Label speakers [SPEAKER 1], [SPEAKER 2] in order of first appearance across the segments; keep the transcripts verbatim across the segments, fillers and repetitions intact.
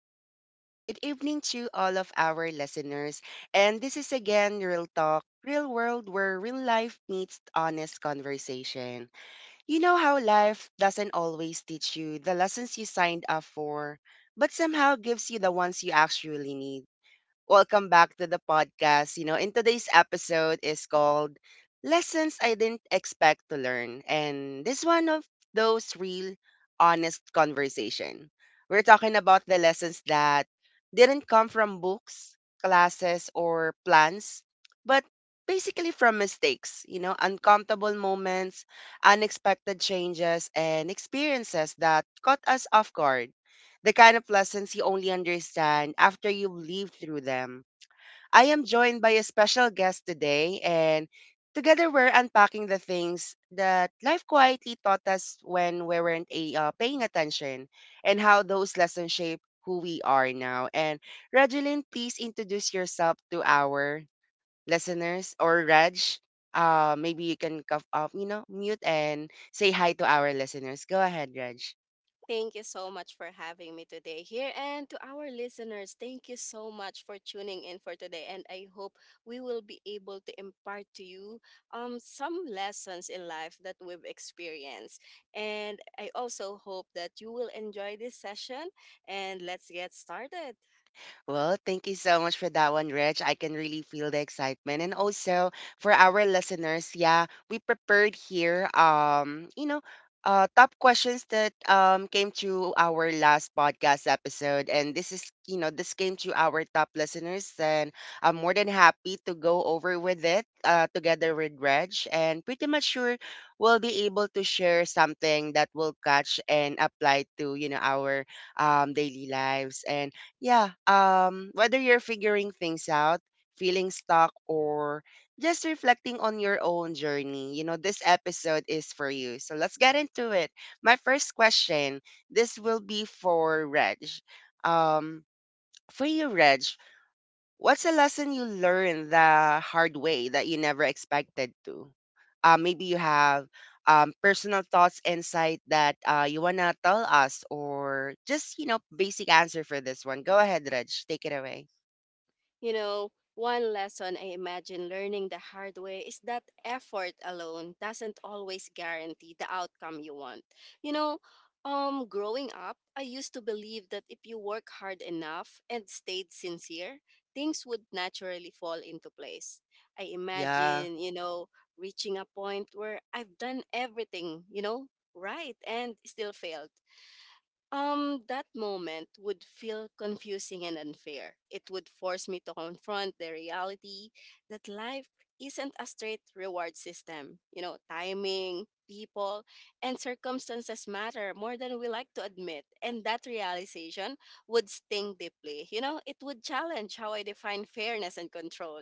[SPEAKER 1] good afternoon, good evening to all of our listeners. And this is again Real Talk, Real World, where real life meets honest conversation. You know how life doesn't always teach you the lessons you signed up for, but somehow gives you the ones you actually need. Welcome back to the podcast. You know, in today's episode is called Lessons I Didn't Expect to Learn. And this one of those real honest conversation. We're talking about the lessons that didn't come from books, classes or plans, but basically from mistakes, you know, uncomfortable moments, unexpected changes and experiences that caught us off guard the kind of lessons you only understand after you've lived through them. I am joined by a special guest today, and together we're unpacking the things that life quietly taught us when we weren't a, uh, paying attention and how those lessons shape who we are now. And Regeline, please introduce yourself to our listeners or Reg. Uh, maybe you can cuff off, you know, mute and say hi to our listeners. Go ahead, Reg.
[SPEAKER 2] Thank you so much for having me today here. And to our listeners, thank you so much for tuning in for today. And I hope we will be able to impart to you um, some lessons in life that we've experienced. And I also hope that you will enjoy this session. And let's get started.
[SPEAKER 1] Well, thank you so much for that one, Reg. I can really feel the excitement. And also for our listeners, yeah, we prepared here um, you know, uh top questions that um came to our last podcast episode. And this is, you know, this came to our top listeners and I'm more than happy to go over with it uh together with Reg and pretty much sure we'll be able to share something that will catch and apply to, you know, our um daily lives. And yeah, um, whether you're figuring things out, feeling stuck, or just reflecting on your own journey, you know, this episode is for you. So let's get into it. My first question this will be for Reg. Um, for you, Reg, what's a lesson you learned the hard way that you never expected to? Uh, maybe you have um, personal thoughts, insight that uh, you want to tell us, or just, you know, basic answer for this one. Go ahead, Reg. Take it away.
[SPEAKER 2] You know, one lesson I imagine learning the hard way is that effort alone doesn't always guarantee the outcome you want. You know, um, growing up, I used to believe that if you work hard enough and stayed sincere, things would naturally fall into place. I
[SPEAKER 1] Yeah.
[SPEAKER 2] imagine, you know, reaching a point where I've done everything, you know, right and still failed um, that moment would feel confusing and unfair. It would force me to confront the reality that life isn't a straight reward system. You know, timing, people, and circumstances matter more than we like to admit. And that realization would sting deeply. You know, it would challenge how I define fairness and control.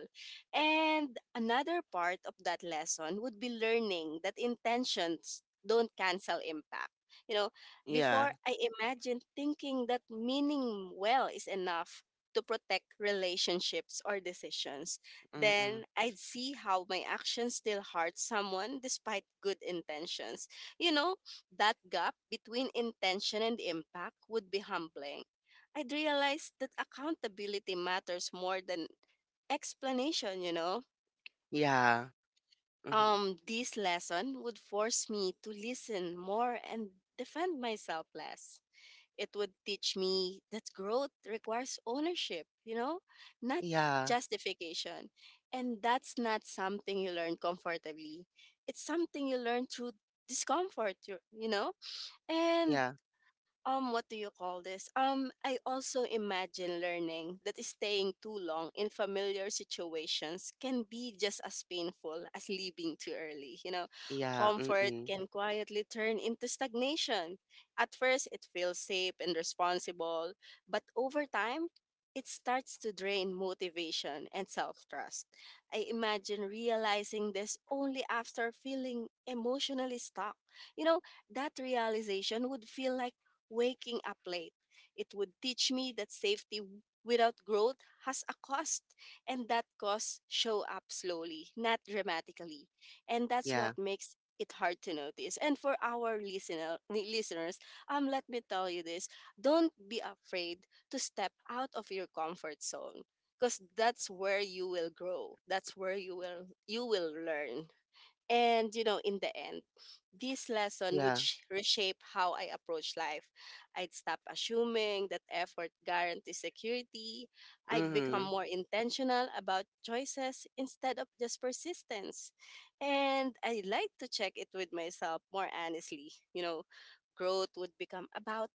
[SPEAKER 2] And another part of that lesson would be learning that intentions don't cancel impact. You know,
[SPEAKER 1] Yeah.
[SPEAKER 2] before I imagined thinking that meaning well is enough to protect relationships or decisions,
[SPEAKER 1] Mm-mm.
[SPEAKER 2] then I'd see how my actions still hurt someone despite good intentions. You know, that gap between intention and impact would be humbling. I'd realize that accountability matters more than explanation, you know.
[SPEAKER 1] Yeah. Hmm.
[SPEAKER 2] Um, this lesson would force me to listen more and defend myself less. It would teach me that growth requires ownership, you know, not
[SPEAKER 1] Yeah.
[SPEAKER 2] justification. And that's not something you learn comfortably. It's something you learn through discomfort, you you know? And
[SPEAKER 1] Yeah.
[SPEAKER 2] um, what do you call this? Um, I also imagine learning that staying too long in familiar situations can be just as painful as leaving too early. You know,
[SPEAKER 1] Yeah.
[SPEAKER 2] comfort
[SPEAKER 1] Mm-mm.
[SPEAKER 2] can quietly turn into stagnation. At first, it feels safe and responsible, but over time, it starts to drain motivation and self trust. I imagine realizing this only after feeling emotionally stuck. You know, that realization would feel like waking up late. It would teach me that safety without growth has a cost, and that cost show up slowly, not dramatically. And that's what
[SPEAKER 1] Yeah.
[SPEAKER 2] makes it hard to notice. And for our listener listeners, um, let me tell you this, don't be afraid to step out of your comfort zone because that's where you will grow. That's where you will you will learn. And, you know, in the end, this lesson would
[SPEAKER 1] Yeah.
[SPEAKER 2] sh- reshape how I approach life. I'd stop assuming that effort guarantees security. I'd become
[SPEAKER 1] Mm-hmm.
[SPEAKER 2] more intentional about choices instead of just persistence. And I'd like to check it with myself more honestly. You know, growth would become about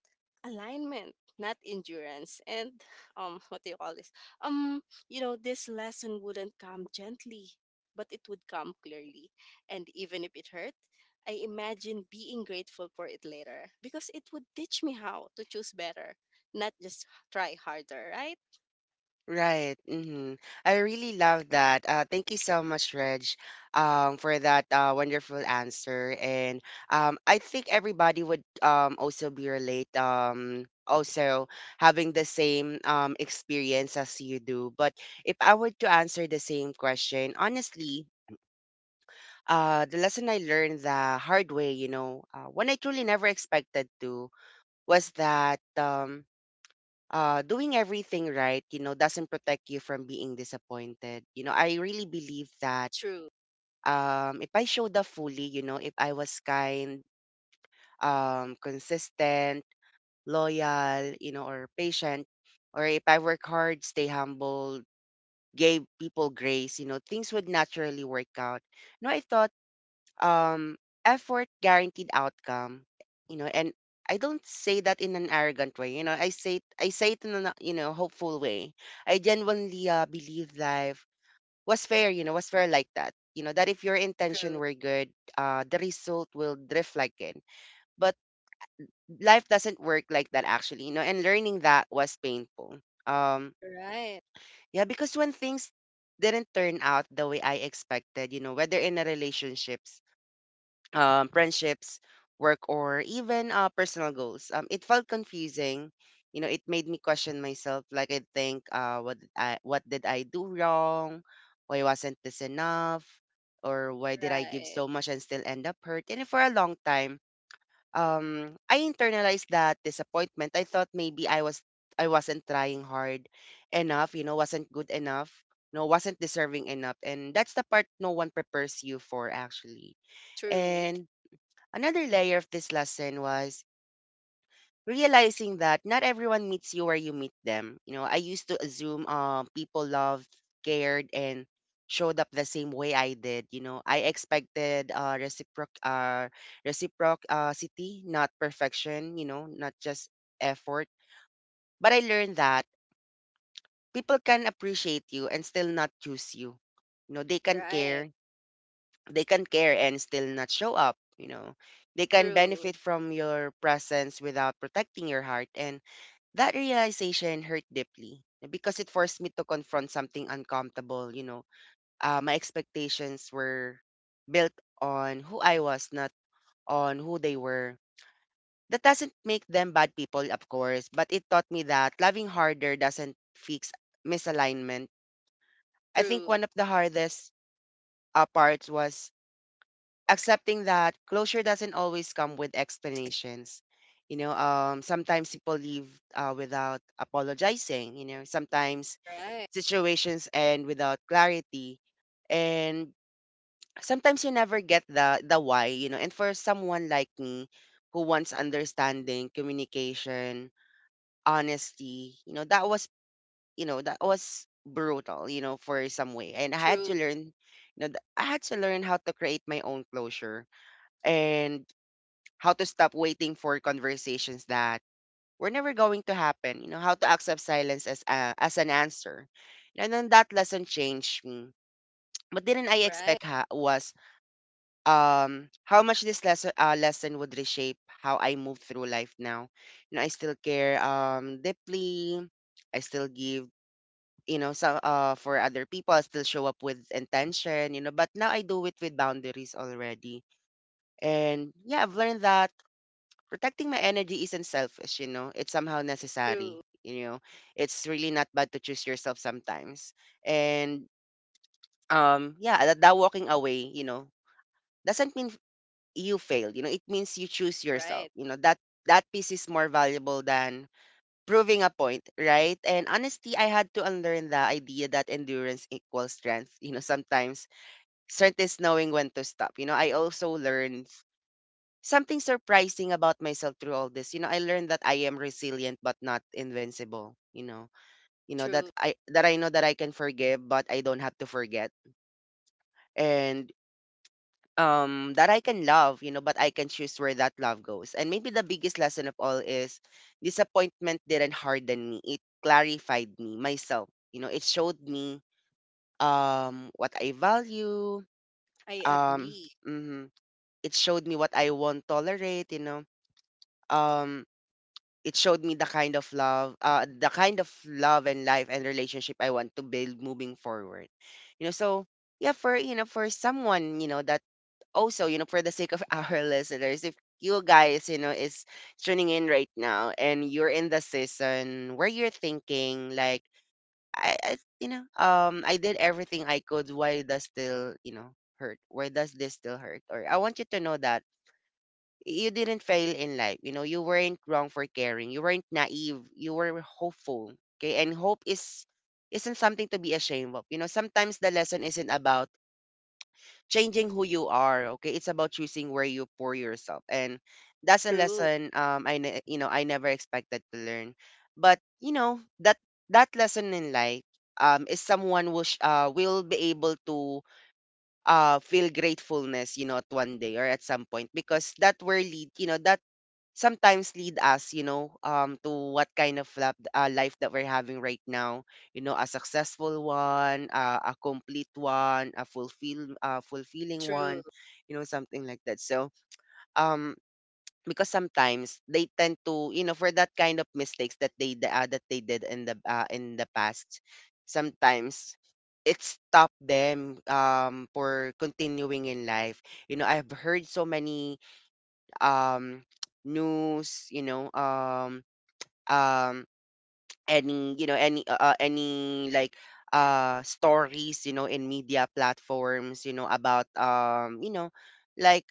[SPEAKER 2] alignment, not endurance. And um, what do you call this? Um, you know, this lesson wouldn't come gently, but it would come clearly. And even if it hurt, I imagine being grateful for it later because it would teach me how to choose better, not just try harder, right?
[SPEAKER 1] Right. Hmm. I really love that. Uh, thank you so much, Reg, um, for that uh, wonderful answer. And um, I think everybody would um, also be relate, um, also having the same um, experience as you do. But if I were to answer the same question, honestly, uh, the lesson I learned the hard way, you know, uh, when I truly never expected to, was that. Um, uh, doing everything right, you know, doesn't protect you from being disappointed. You know, I really believe that
[SPEAKER 2] True,
[SPEAKER 1] um, if I showed up fully, you know, if I was kind, um, consistent, loyal, you know, or patient, or if I work hard, stay humble, gave people grace, you know, things would naturally work out. No, I thought um, effort guaranteed outcome, you know. And I don't say that in an arrogant way, you know. I say it, i say it in a, you know, hopeful way. I genuinely uh, believe life was fair, you know, was fair like that, you know, that if your
[SPEAKER 2] true,
[SPEAKER 1] intention were good, uh, the result will drift like it. But life doesn't work like that actually, you know, and learning that was painful. um
[SPEAKER 2] right,
[SPEAKER 1] yeah, because when things didn't turn out the way I expected, you know, whether in a relationship, um, friendships, work, or even uh, personal goals. Um, it felt confusing. You know, it made me question myself. Like I think, uh, what did I what did I do wrong? Why wasn't this enough? Or why did I give
[SPEAKER 2] right,
[SPEAKER 1] so much and still end up hurt? And for a long time, um, I internalized that disappointment. I thought maybe I was I wasn't trying hard enough. You know, wasn't good enough. No, wasn't deserving enough. And that's the part no one prepares you for actually.
[SPEAKER 2] true,
[SPEAKER 1] And another layer of this lesson was realizing that not everyone meets you where you meet them. You know, I used to assume um, people loved, cared, and showed up the same way I did. You know, I expected uh, reciproc uh, reciprocity, not perfection. You know, not just effort. But I learned that people can appreciate you and still not choose you. You know, they can
[SPEAKER 2] right,
[SPEAKER 1] care, they can care and still not show up, you know. They can
[SPEAKER 2] true,
[SPEAKER 1] benefit from your presence without protecting your heart, and that realization hurt deeply because it forced me to confront something uncomfortable, you know. Uh, my expectations were built on who I was, not on who they were. That doesn't make them bad people, of course, but it taught me that loving harder doesn't fix misalignment. I think
[SPEAKER 2] true,
[SPEAKER 1] one of the hardest uh, parts was accepting that closure doesn't always come with explanations. You know, um, sometimes people leave uh, without apologizing. You know, sometimes
[SPEAKER 2] right,
[SPEAKER 1] situations end without clarity, and sometimes you never get the the why. You know, and for someone like me, who wants understanding, communication, honesty, you know, that was, you know, that was brutal. You know, for some way, and I had to
[SPEAKER 2] true,
[SPEAKER 1] learn. You know, th- I had to learn how to create my own closure and how to stop waiting for conversations that were never going to happen, you know, how to accept silence as a, as an answer. And then that lesson changed me. But didn't I
[SPEAKER 2] right,
[SPEAKER 1] expect ha- was um, how much this lesson uh, lesson would reshape how I move through life now. You know, I still care um deeply. I still give, you know, so uh for other people I still show up with intention, you know, but now I do it with boundaries already. And yeah, I've learned that protecting my energy isn't selfish, you know. It's somehow necessary,
[SPEAKER 2] true,
[SPEAKER 1] you know. It's really not bad to choose yourself sometimes. And um yeah, that, that walking away, you know, doesn't mean you failed, you know. It means you choose yourself.
[SPEAKER 2] right,
[SPEAKER 1] You know, that that piece is more valuable than proving a point, right? And honestly, I had to unlearn the idea that endurance equals strength. You know, sometimes strength is knowing when to stop. You know, I also learned something surprising about myself through all this. You know, I learned that I am resilient but not invincible. You know, you know that
[SPEAKER 2] true.
[SPEAKER 1] I that I know that I can forgive but I don't have to forget, and um that I can love. You know, but I can choose where that love goes. And maybe the biggest lesson of all is disappointment didn't harden me. It clarified me myself. You know, it showed me um what I value.
[SPEAKER 2] I
[SPEAKER 1] Um,
[SPEAKER 2] agree.
[SPEAKER 1] mhm. It showed me what I won't tolerate. You know, um, it showed me the kind of love, uh, the kind of love and life and relationship I want to build moving forward. You know, so yeah, for, you know, for someone, you know that also, you know, for the sake of our listeners, if you guys, you know, is tuning in right now and you're in the season where you're thinking like, I, I you know, um, I did everything I could, why does still you know hurt? Why does this still hurt? Or I want you to know that you didn't fail in life. You know, you weren't wrong for caring. You weren't naive. You were hopeful. Okay. And hope is isn't something to be ashamed of. You know, sometimes the lesson isn't about changing who you are. Okay. It's about choosing where you pour yourself. And that's a
[SPEAKER 2] True,
[SPEAKER 1] lesson um I ne- you know, I never expected to learn. But you know, that that lesson in life um is someone will sh- uh will be able to uh feel gratefulness, you know, at one day or at some point, because that were lead, you know, that sometimes lead us, you know, um, to what kind of lap, uh, life that we're having right now. You know, a successful one, uh, a complete one, a fulfill, uh, fulfilling
[SPEAKER 2] true,
[SPEAKER 1] one, you know, something like that. So, um, because sometimes they tend to, you know, for that kind of mistakes that they d- uh, that they did in the uh, in the past, sometimes it stopped them um for continuing in life. You know, I've heard so many um news, you know, um, um, any, you know, any uh, uh, any like uh stories, you know, in media platforms, you know, about, um, you know, like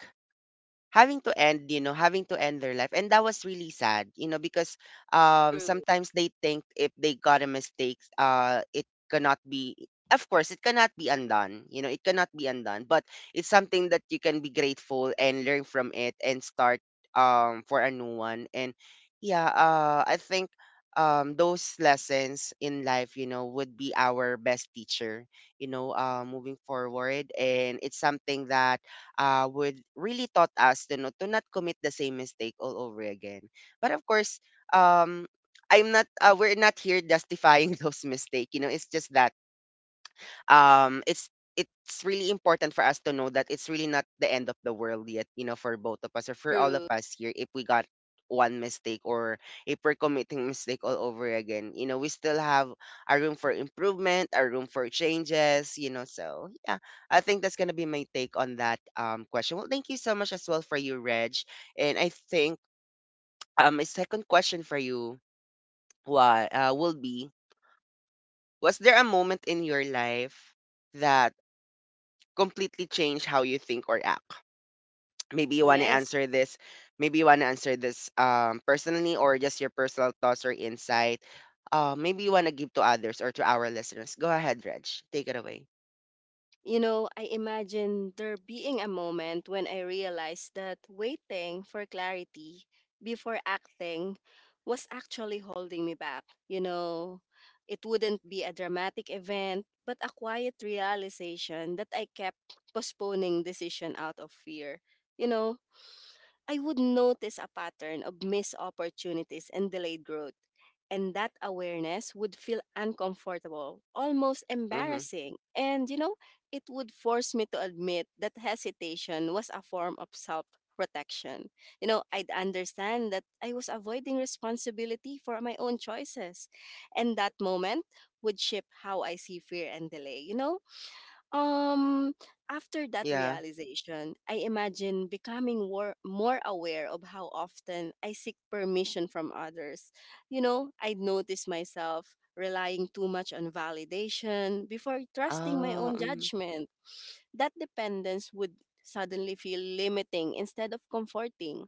[SPEAKER 1] having to end, you know, having to end their life, and that was really sad, you know, because um
[SPEAKER 2] true,
[SPEAKER 1] sometimes they think if they got a mistake, uh, it cannot be. Of course, it cannot be undone. You know, it cannot be undone, but it's something that you can be grateful and learn from it and start um for a new one. And yeah, uh, I think um those lessons in life, you know, would be our best teacher. You know, uh, moving forward, and it's something that uh, would really taught us, you know, to not commit the same mistake all over again. But of course, um, I'm not. Uh, we're not here justifying those mistakes. You know, it's just that um it's it's really important for us to know that it's really not the end of the world yet, you know, for both of us or for all of
[SPEAKER 2] true.
[SPEAKER 1] us here, if we got one mistake, or if we're committing mistake all over again, you know, we still have a room for improvement, a room for changes, you know, so yeah, I think that's going to be my take on that um question. Well, thank you so much as well for you, Reg. And I think um my second question for you why uh, will be was there a moment in your life that completely change how you think or act? Maybe you want to
[SPEAKER 2] Yes.
[SPEAKER 1] answer this. Maybe you want to answer this, um, personally, or just your personal thoughts or insight. Uh, maybe you want to give to others or to our listeners. Go ahead, Reg. Take it away.
[SPEAKER 2] You know, I imagine there being a moment when I realized that waiting for clarity before acting was actually holding me back. You know, it wouldn't be a dramatic event, but a quiet realization that I kept postponing decision out of fear. You know, I would notice a pattern of missed opportunities and delayed growth. And that awareness would feel uncomfortable, almost
[SPEAKER 1] Mm-hmm.
[SPEAKER 2] embarrassing. And, you know, it would force me to admit that hesitation was a form of self protection. You know, I'd understand that I was avoiding responsibility for my own choices. And that moment would shape how I see fear and delay. You know, um, after that
[SPEAKER 1] Yeah.
[SPEAKER 2] realization, I imagine becoming more, more aware of how often I seek permission from others. You know, I'd notice myself relying too much on validation before trusting my own
[SPEAKER 1] Um.
[SPEAKER 2] judgment. That dependence would suddenly feel limiting instead of comforting,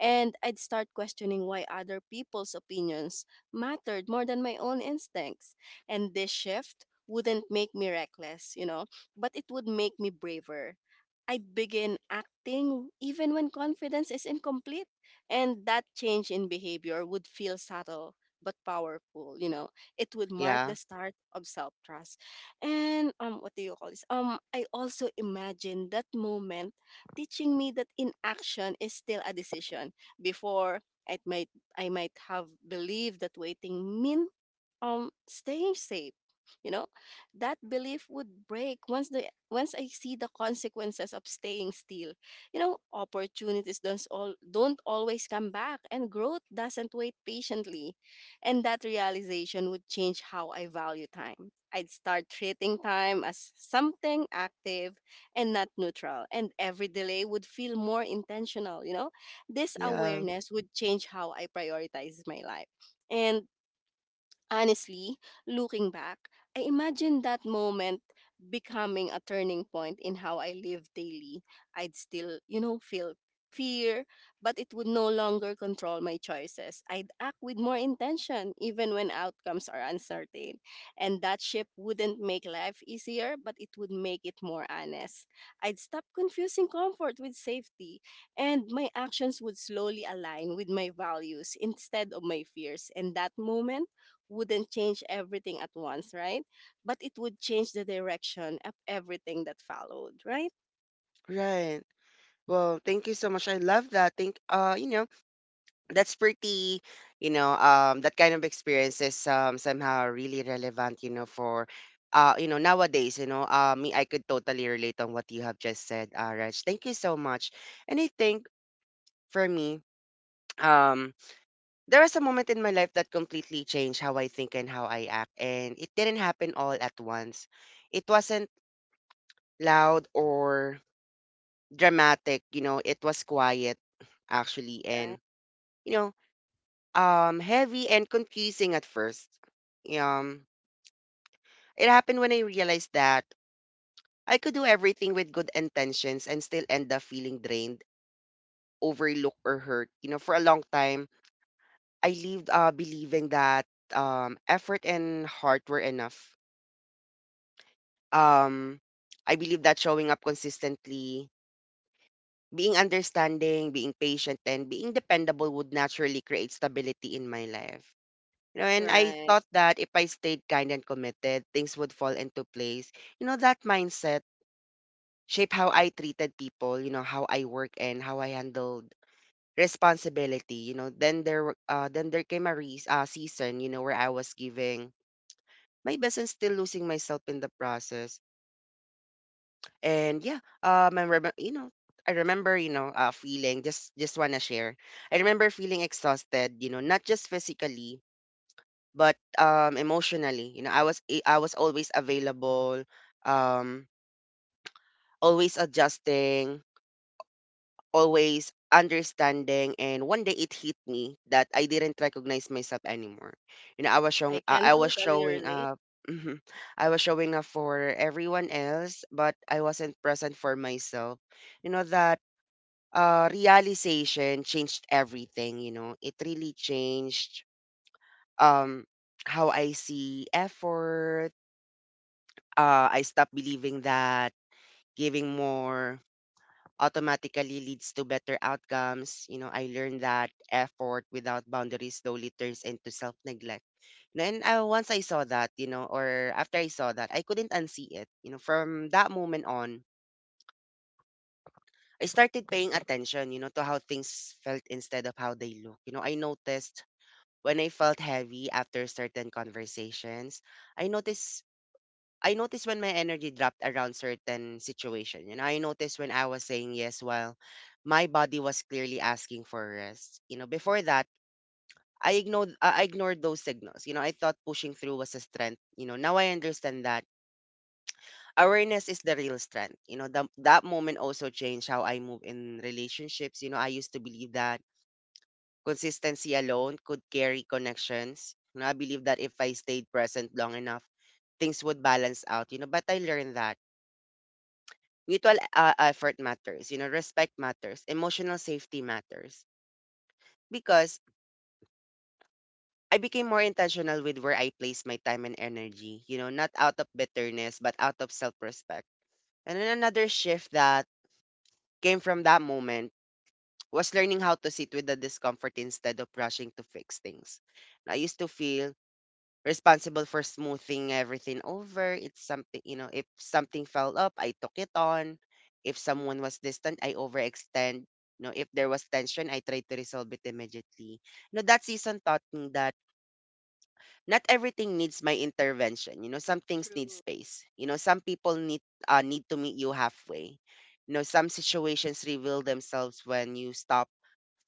[SPEAKER 2] and I'd start questioning why other people's opinions mattered more than my own instincts. And this shift wouldn't make me reckless, you know, but it would make me braver. I'd begin acting even when confidence is incomplete, and that change in behavior would feel subtle but powerful, you know. It would mark
[SPEAKER 1] Yeah.
[SPEAKER 2] the start of self-trust. And um, what do you call this? Um, I also imagine that moment teaching me that inaction is still a decision. before, it might I might have believed that waiting meant um, staying safe, you know. That belief would break once the once I see the consequences of staying still. You know, opportunities don't all don't always come back and growth doesn't wait patiently. And that realization would change how I value time. I'd start treating time as something active and not neutral, and every delay would feel more intentional, you know. This
[SPEAKER 1] Yeah.
[SPEAKER 2] awareness would change how I prioritize my life. And honestly, looking back, I imagine that moment becoming a turning point in how I live daily. I'd still, you know, feel fear, but it would no longer control my choices. I'd act with more intention, even when outcomes are uncertain. And that shift wouldn't make life easier, but it would make it more honest. I'd stop confusing comfort with safety, and my actions would slowly align with my values instead of my fears. And that moment wouldn't change everything at once, right? But it would change the direction of everything that followed, right?
[SPEAKER 1] Right. Well, thank you so much. I love that. Thank. Uh. You know, that's pretty, you know, um that kind of experience is um somehow really relevant, you know, for uh you know, nowadays, you know, uh me, I could totally relate on what you have just said, uh Raj. Thank you so much. And I think for me, um there was a moment in my life that completely changed how I think and how I act, and it didn't happen all at once. It wasn't loud or dramatic, you know, it was quiet, actually, and
[SPEAKER 2] Right.
[SPEAKER 1] you know, um heavy and confusing at first. Um it happened when I realized that I could do everything with good intentions and still end up feeling drained, overlooked, or hurt. You know, for a long time, I lived uh believing that um effort and heart were enough. Um I believe that showing up consistently, being understanding, being patient, and being dependable would naturally create stability in my life. You know, and I
[SPEAKER 2] Right.
[SPEAKER 1] thought that if I stayed kind and committed, things would fall into place. You know, that mindset shaped how I treated people, you know, how I work, and how I handled responsibility. You know, then there were- uh, then there came a re- uh, season, you know, where I was giving my best and still losing myself in the process. And yeah, um, I remember, you know, I remember, you know, uh, feeling, just just wanna share. I remember feeling exhausted, you know, not just physically, but um emotionally. You know, i was i was always available, um always adjusting, always understanding, and one day it hit me that I didn't recognize myself anymore. You know, i was showing
[SPEAKER 2] I
[SPEAKER 1] uh,
[SPEAKER 2] can
[SPEAKER 1] I was
[SPEAKER 2] totally
[SPEAKER 1] showing
[SPEAKER 2] relate.
[SPEAKER 1] up, I was showing up for everyone else, but I wasn't present for myself. You know, that uh realization changed everything. You know, it really changed um how I see effort. Uh, I stopped believing that giving more automatically leads to better outcomes. You know, I learned that effort without boundaries slowly turns into self neglect. And uh, once I saw that, you know, or after I saw that, I couldn't unsee it. You know, from that moment on, I started paying attention, you know, to how things felt instead of how they look. You know, I noticed when I felt heavy after certain conversations, I noticed, I noticed when my energy dropped around certain situation. You know, I noticed when I was saying yes while my body was clearly asking for rest. You know, before that, I ignored uh, I ignored those signals. You know, I thought pushing through was a strength. You know, now I understand that awareness is the real strength. You know, that that moment also changed how I move in relationships. You know, I used to believe that consistency alone could carry connections. You know, I believe that if I stayed present long enough, things would balance out. You know, but I learned that mutual uh, effort matters, you know, respect matters, emotional safety matters. Because I became more intentional with where I place my time and energy, you know, not out of bitterness, but out of self respect. And then another shift that came from that moment was learning how to sit with the discomfort instead of rushing to fix things. I used to feel responsible for smoothing everything over. It's something, you know, if something fell up, I took it on. If someone was distant, I overextend. You know, if there was tension, I tried to resolve it immediately. You know, that season taught me that not everything needs my intervention. You know, some things need
[SPEAKER 2] True.
[SPEAKER 1] space. You know, some people need uh, need to meet you halfway. You know, some situations reveal themselves when you stop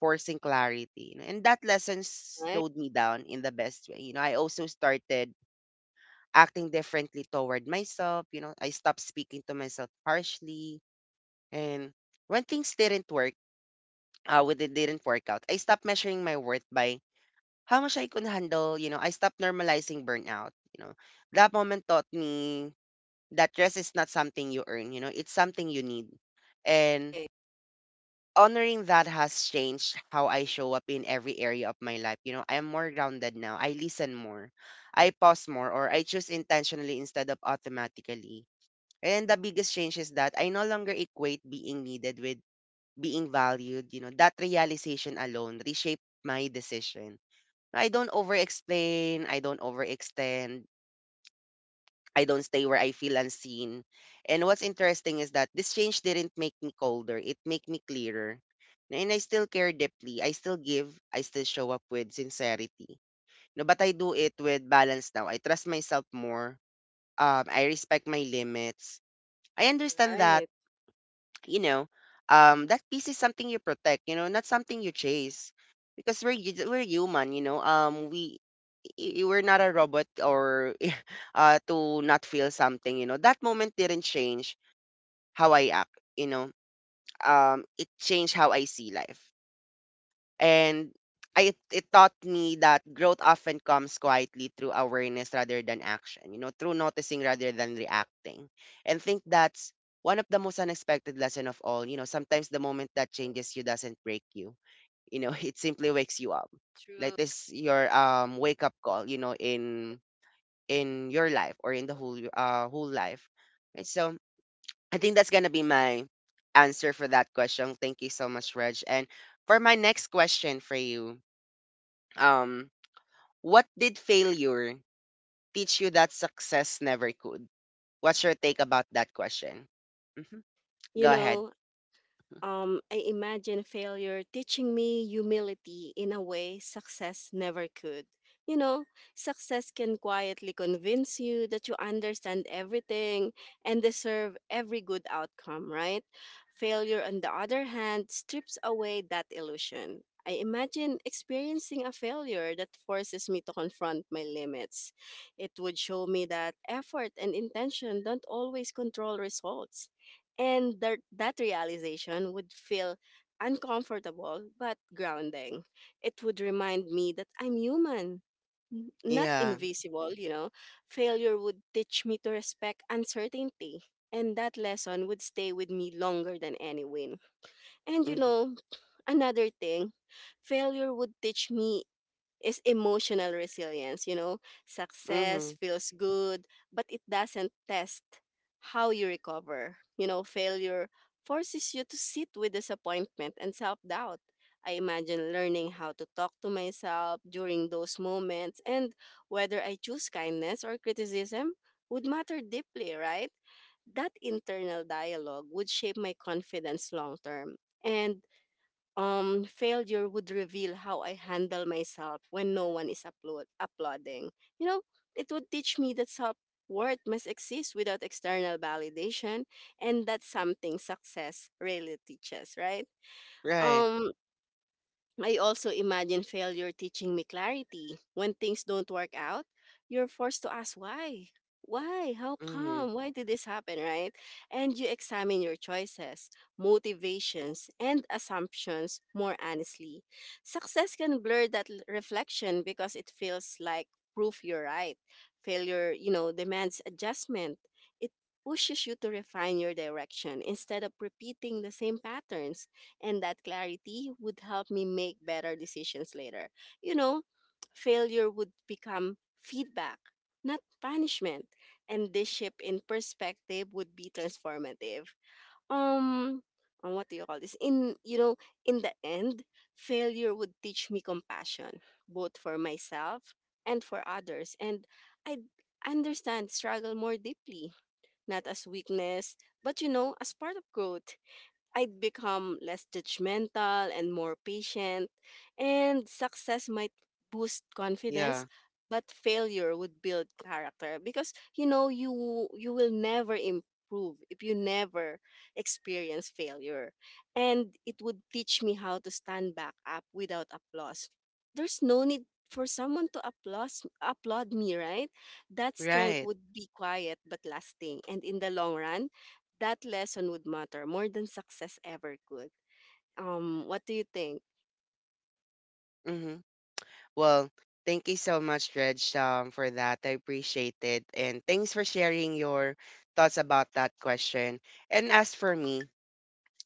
[SPEAKER 1] forcing clarity. You know, and that lesson
[SPEAKER 2] Right.
[SPEAKER 1] slowed me down in the best way. You know, I also started acting differently toward myself. You know, I stopped speaking to myself harshly. And when things didn't work, uh, when it didn't work out, I stopped measuring my worth by how much I could handle. You know, I stopped normalizing burnout. You know, that moment taught me that rest is not something you earn. You know, it's something you need. And
[SPEAKER 2] Right.
[SPEAKER 1] honoring that has changed how I show up in every area of my life. You know, I am more grounded now. I listen more. I pause more, or I choose intentionally instead of automatically. And the biggest change is that I no longer equate being needed with being valued. You know, that realization alone reshaped my decision. I don't over explain, I don't overextend, I don't stay where I feel unseen. And what's interesting is that this change didn't make me colder, it made me clearer. And I still care deeply. I still give. I still show up with sincerity. No, but I do it with balance now. I trust myself more. Um, I respect my limits. I understand that,
[SPEAKER 2] Right.
[SPEAKER 1] you know, um, that peace is something you protect, you know, not something you chase. Because we're hu- we're human, you know. Um, we i- i- we're not a robot, or uh to not feel something, you know. That moment didn't change how I act, you know. Um, it changed how I see life. And I, it taught me that growth often comes quietly through awareness rather than action, you know, through noticing rather than reacting. And think that's one of the most unexpected lesson of all. You know, sometimes the moment that changes you doesn't break you. You know, it simply wakes you up. Like
[SPEAKER 2] True.
[SPEAKER 1] this your um wake up call, you know, in in your life, or in the whole uh whole life. And so I think that's gonna be my answer for that question. Thank you so much, Reg. And for my next question for you, um, what did failure teach you that success never could? What's your take about that question? Hmm.
[SPEAKER 2] You
[SPEAKER 1] Go ahead.
[SPEAKER 2] know, um, I imagine failure teaching me humility in a way success never could. You know, success can quietly convince you that you understand everything and deserve every good outcome, right? Failure, on the other hand, strips away that illusion. I imagine experiencing a failure that forces me to confront my limits. It would show me that effort and intention don't always control results, and that, that realization would feel uncomfortable but grounding. It would remind me that I'm human, n- not
[SPEAKER 1] Yeah.
[SPEAKER 2] invisible, you know. Failure would teach me to respect uncertainty. And that lesson would stay with me longer than any win. And you
[SPEAKER 1] Mm-hmm.
[SPEAKER 2] know, another thing failure would teach me is emotional resilience. You know, success
[SPEAKER 1] Mm-hmm.
[SPEAKER 2] feels good, but it doesn't test how you recover. You know, failure forces you to sit with disappointment and self doubt. I imagine learning how to talk to myself during those moments, and whether I choose kindness or criticism would matter deeply, right? That internal dialogue would shape my confidence long term. And um, failure would reveal how I handle myself when no one is upload- applauding. You know, it would teach me that self worth must exist without external validation, and that's something success really teaches, right?
[SPEAKER 1] Right.
[SPEAKER 2] Um, I also imagine failure teaching me clarity. When things don't work out, you're forced to ask why. Why? How
[SPEAKER 1] Mm-hmm.
[SPEAKER 2] come? Why did this happen, right? And you examine your choices, motivations, and assumptions more honestly. Success can blur that l- reflection because it feels like proof you're right. Failure, you know, demands adjustment. It pushes you to refine your direction instead of repeating the same patterns, and that clarity would help me make better decisions later. You know, failure would become feedback, not punishment, and this shift in perspective would be transformative. Um, uh, what do you call this? In you know, in the end, failure would teach me compassion, both for myself and for others, and I understand struggle more deeply, not as weakness, but you know, as part of growth. I'd become less judgmental and more patient, and success might boost confidence,
[SPEAKER 1] Yeah.
[SPEAKER 2] but failure would build character because you know you you will never improve if you never experience failure, and it would teach me how to stand back up without applause. There's no need for someone to applaud applaud me, right? That strength
[SPEAKER 1] Right.
[SPEAKER 2] would be quiet but lasting, and in the long run that lesson would matter more than success ever could. Um, what do you think?
[SPEAKER 1] Mm-hmm. Well, thank you so much, Reg, um, for that. I appreciate it. And thanks for sharing your thoughts about that question. And as for me,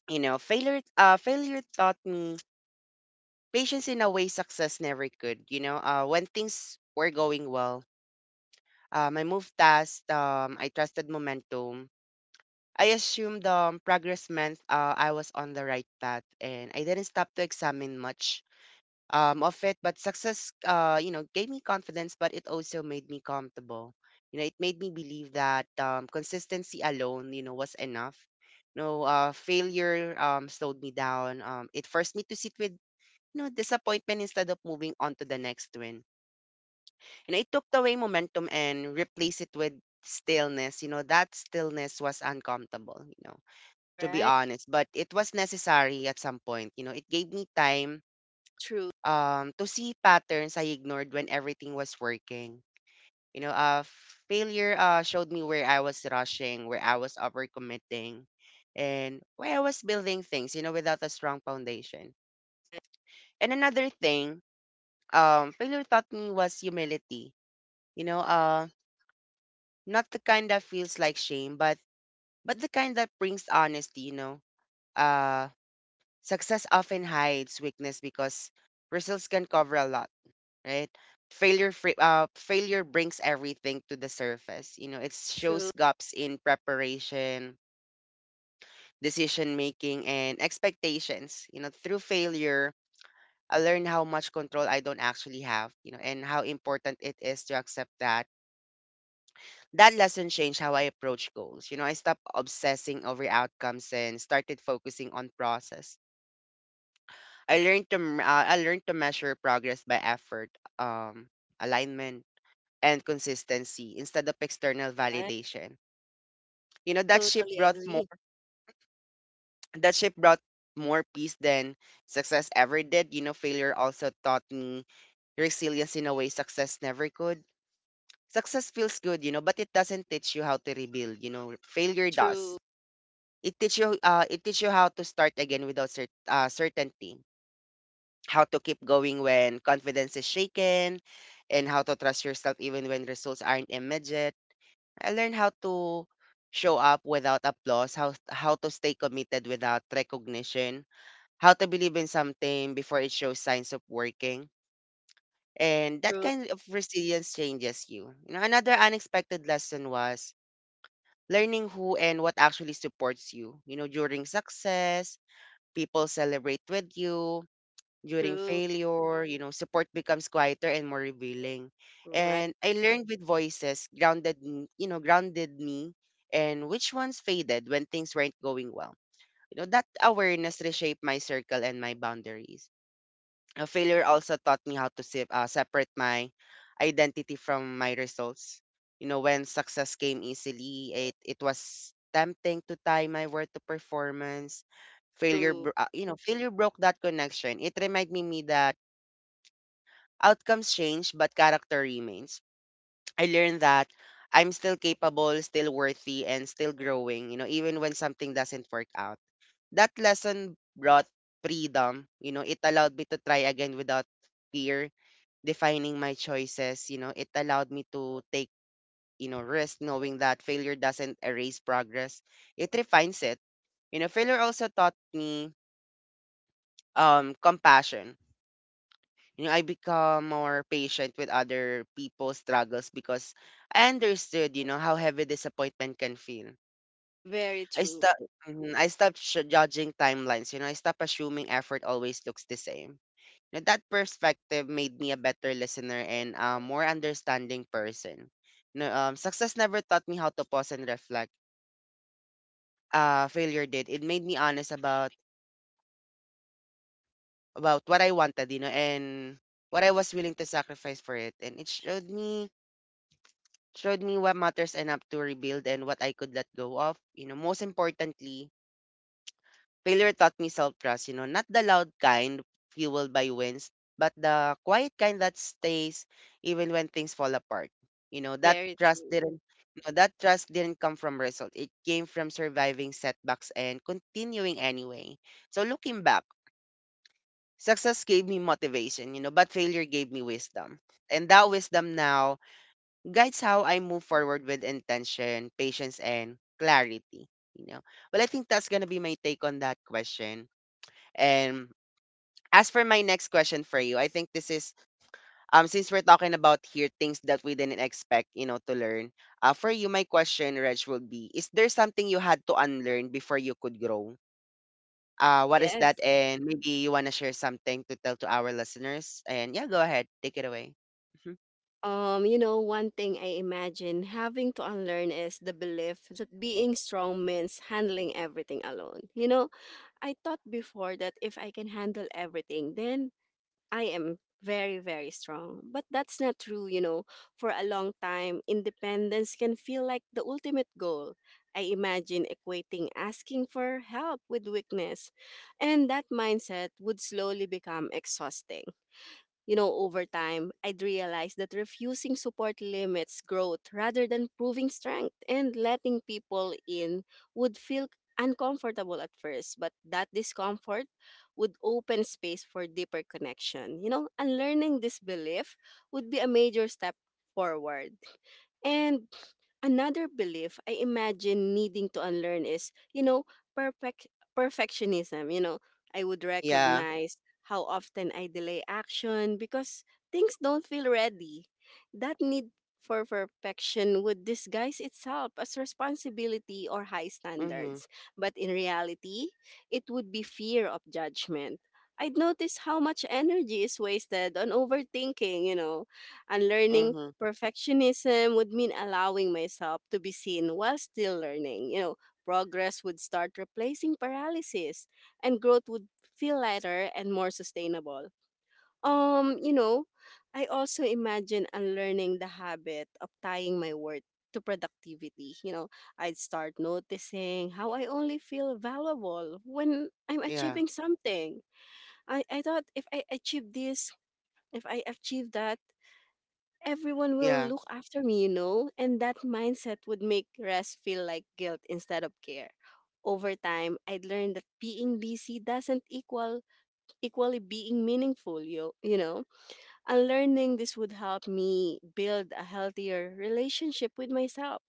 [SPEAKER 1] you know, failure uh failure taught me patience in a way success never could. You know, uh when things were going well, Um, I moved fast. Um, I trusted momentum. I assumed um, progress meant uh, I was on the right path, and I didn't stop to examine much um, of it. But success, uh, you know, gave me confidence, but it also made me comfortable. You know, it made me believe that, um, consistency alone, you know, was enough. No, uh, failure um, slowed me down. Um, it forced me to sit with, you know, disappointment instead of moving on to the next win, and I took away momentum and replaced it with stillness. You know, that stillness was uncomfortable, you know, to be
[SPEAKER 2] Right?
[SPEAKER 1] honest. But it was necessary at some point. You know, it gave me time
[SPEAKER 2] True.
[SPEAKER 1] um to see patterns I ignored when everything was working. You know, uh failure uh showed me where I was rushing, where I was overcommitting, and where I was building things, you know, without a strong foundation.
[SPEAKER 2] Right.
[SPEAKER 1] And another thing, um, failure taught me was humility. You know, uh, not the kind that feels like shame, but but the kind that brings honesty, you know. Uh success often hides weakness because results can cover a lot, right? Failure fr- uh failure brings everything to the surface. You know, it
[SPEAKER 2] True.
[SPEAKER 1] shows gaps in preparation, decision making, and expectations. You know, through failure I learn how much control I don't actually have, you know, and how important it is to accept that. That lesson changed how I approach goals. You know, I stopped obsessing over outcomes and started focusing on process. I learned to m- uh, I learned to measure progress by effort, um, alignment, and consistency instead of external
[SPEAKER 2] Right.
[SPEAKER 1] validation. You know, that shift
[SPEAKER 2] Totally
[SPEAKER 1] brought more
[SPEAKER 2] agree.
[SPEAKER 1] that shift brought more peace than success ever did. You know, failure also taught me resilience in a way success never could. Success feels good, you know, but it doesn't teach you how to rebuild. You know, failure
[SPEAKER 2] True.
[SPEAKER 1] does. It teach you uh it teach you how to start again without cer- uh, certainty, how to keep going when confidence is shaken, and how to trust yourself even when results aren't immediate. I learned how to show up without applause, how how to stay committed without recognition, how to believe in something before it shows signs of working. And that
[SPEAKER 2] True.
[SPEAKER 1] kind of resilience changes you. You know, another unexpected lesson was learning who and what actually supports you. You know, during success, people celebrate with you; during
[SPEAKER 2] True.
[SPEAKER 1] failure, you know, support becomes quieter and more revealing.
[SPEAKER 2] Right.
[SPEAKER 1] And I learned with voices grounded, m- you know, grounded me and which ones faded when things weren't going well. You know, that awareness reshaped my circle and my boundaries. Uh, failure also taught me how to se- uh, separate my identity from my results. You know, when success came easily, it, it was tempting to tie my worth to performance. Failure,
[SPEAKER 2] True.
[SPEAKER 1] bro- uh, you know, failure broke that connection. It reminded me that outcomes change, but character remains. I learned that I'm still capable, still worthy, and still growing, you know, even when something doesn't work out. That lesson brought freedom. You know, it allowed me to try again without fear defining my choices. You know, it allowed me to take, you know, risk knowing that failure doesn't erase progress. It refines it. You know, failure also taught me um compassion. You know, I become more patient with other people's struggles because I understood, you know, how heavy disappointment can feel.
[SPEAKER 2] Very
[SPEAKER 1] I
[SPEAKER 2] true.
[SPEAKER 1] stopped I stopped sh- judging timelines, you know, I stopped assuming effort always looks the same. Now, that perspective made me a better listener and a more understanding person. No, um, success never taught me how to pause and reflect. Uh, failure did. It made me honest about about what I wanted, you know, and what I was willing to sacrifice for it. And it showed me showed me what matters enough to rebuild and what I could let go of. You know, most importantly, failure taught me self-trust, you know, not the loud kind fueled by wins, but the quiet kind that stays even when things fall apart. You know, that
[SPEAKER 2] Very
[SPEAKER 1] trust
[SPEAKER 2] true.
[SPEAKER 1] didn't you know, that trust didn't come from result. It came from surviving setbacks and continuing anyway. So looking back, success gave me motivation, you know, but failure gave me wisdom. And that wisdom now guides how I move forward with intention, patience, and clarity. You know, well, I think that's gonna be my take on that question. And as for my next question for you, I think this is um since we're talking about here things that we didn't expect, you know, to learn. Uh, for you, my question, Reg, would be: is there something you had to unlearn before you could grow? Uh, what is that?
[SPEAKER 2] Yes.
[SPEAKER 1] And maybe you wanna share something to tell to our listeners. And yeah, go ahead, take it away. Mhm.
[SPEAKER 2] Um, you know, one thing I imagine having to unlearn is the belief that being strong means handling everything alone. You know, I thought before that if I can handle everything, then I am very, very strong. But that's not true, you know. For a long time, independence can feel like the ultimate goal. I imagine equating asking for help with weakness, and that mindset would slowly become exhausting. You know, over time, I'd realized that refusing support limits growth rather than proving strength, and letting people in would feel uncomfortable at first, but that discomfort would open space for deeper connection. You know, unlearning this belief would be a major step forward. And another belief I imagine needing to unlearn is, you know, perfect perfectionism. You know, I would
[SPEAKER 1] Yeah.
[SPEAKER 2] recognize how often I delay action because things don't feel ready. That need for perfection would disguise itself as responsibility or high
[SPEAKER 1] Mhm.
[SPEAKER 2] standards, but in reality, it would be fear of judgment. I'd notice how much energy is wasted on overthinking, you know, unlearning
[SPEAKER 1] Mhm.
[SPEAKER 2] perfectionism would mean allowing myself to be seen while still learning. You know, progress would start replacing paralysis and growth would feel lighter and more sustainable. Um, you know, I also imagine unlearning the habit of tying my worth to productivity. You know, I'd start noticing how I only feel valuable when I'm
[SPEAKER 1] Yeah.
[SPEAKER 2] achieving something. I, I thought if I achieve this, if I achieve that, everyone will
[SPEAKER 1] Yeah.
[SPEAKER 2] look after me, you know? And that mindset would make rest feel like guilt instead of care. Over time, I'd learned that being busy doesn't equal equally being meaningful, yo, you know? Unlearning this would help me build a healthier relationship with myself.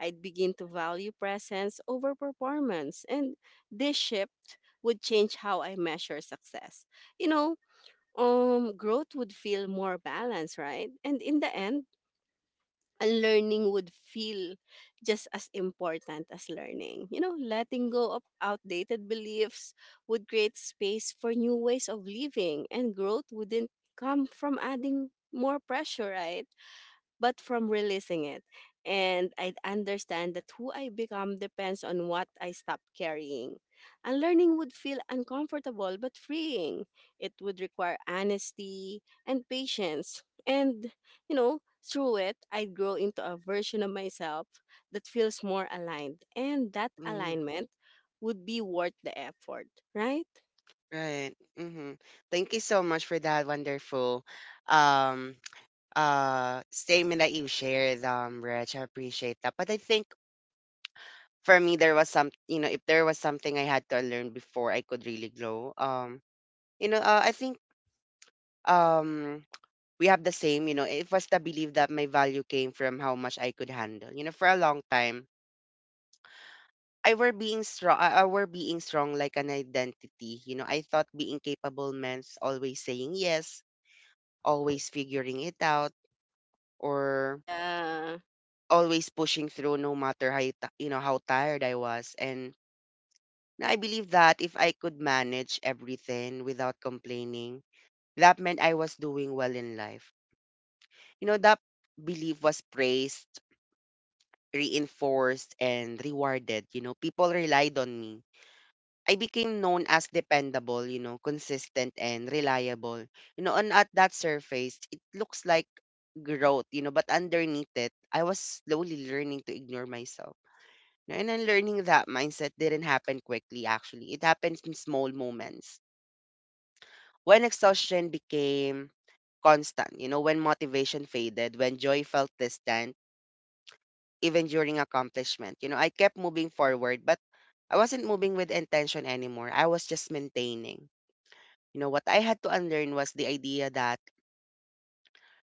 [SPEAKER 2] I'd begin to value presence over performance, and this shift would change how I measure success. You know, um growth would feel more balanced, right? And in the end, unlearning would feel just as important as learning. You know, letting go of outdated beliefs would create space for new ways of living, and growth wouldn't come from adding more pressure, right? But from releasing it. And I understand that who I become depends on what I stop carrying. Unlearning would feel uncomfortable but freeing. It would require honesty and patience. And, you know, through it, I'd grow into a version of myself that feels more aligned. And that
[SPEAKER 1] Mhm.
[SPEAKER 2] alignment would be worth the effort, right?
[SPEAKER 1] Right. Mhm. Thank you so much for that wonderful um uh statement that you shared, um, Rich. I appreciate that. But I think for me there was some, you know, if there was something I had to learn before I could really grow. Um, you know, uh, I think um we have the same, you know. It was the belief that my value came from how much I could handle. You know, for a long time. I were being strong I I were being strong like an identity. You know, I thought being capable meant always saying yes, always figuring it out, or
[SPEAKER 2] Yeah,
[SPEAKER 1] always pushing through no matter how ti- you know how tired I was. And I believe that if I could manage everything without complaining, that meant I was doing well in life. You know, that belief was praised, reinforced and rewarded. You know, people relied on me. I became known as dependable, you know, consistent and reliable. You know, and at that surface it looks like growth, you know, but underneath it I was slowly learning to ignore myself. Know, and then learning that mindset didn't happen quickly, actually. It happened in small moments. When exhaustion became constant, you know, when motivation faded, when joy felt distant, even during accomplishment, you know, I kept moving forward, but I wasn't moving with intention anymore. I was just maintaining. You know, what I had to unlearn was the idea that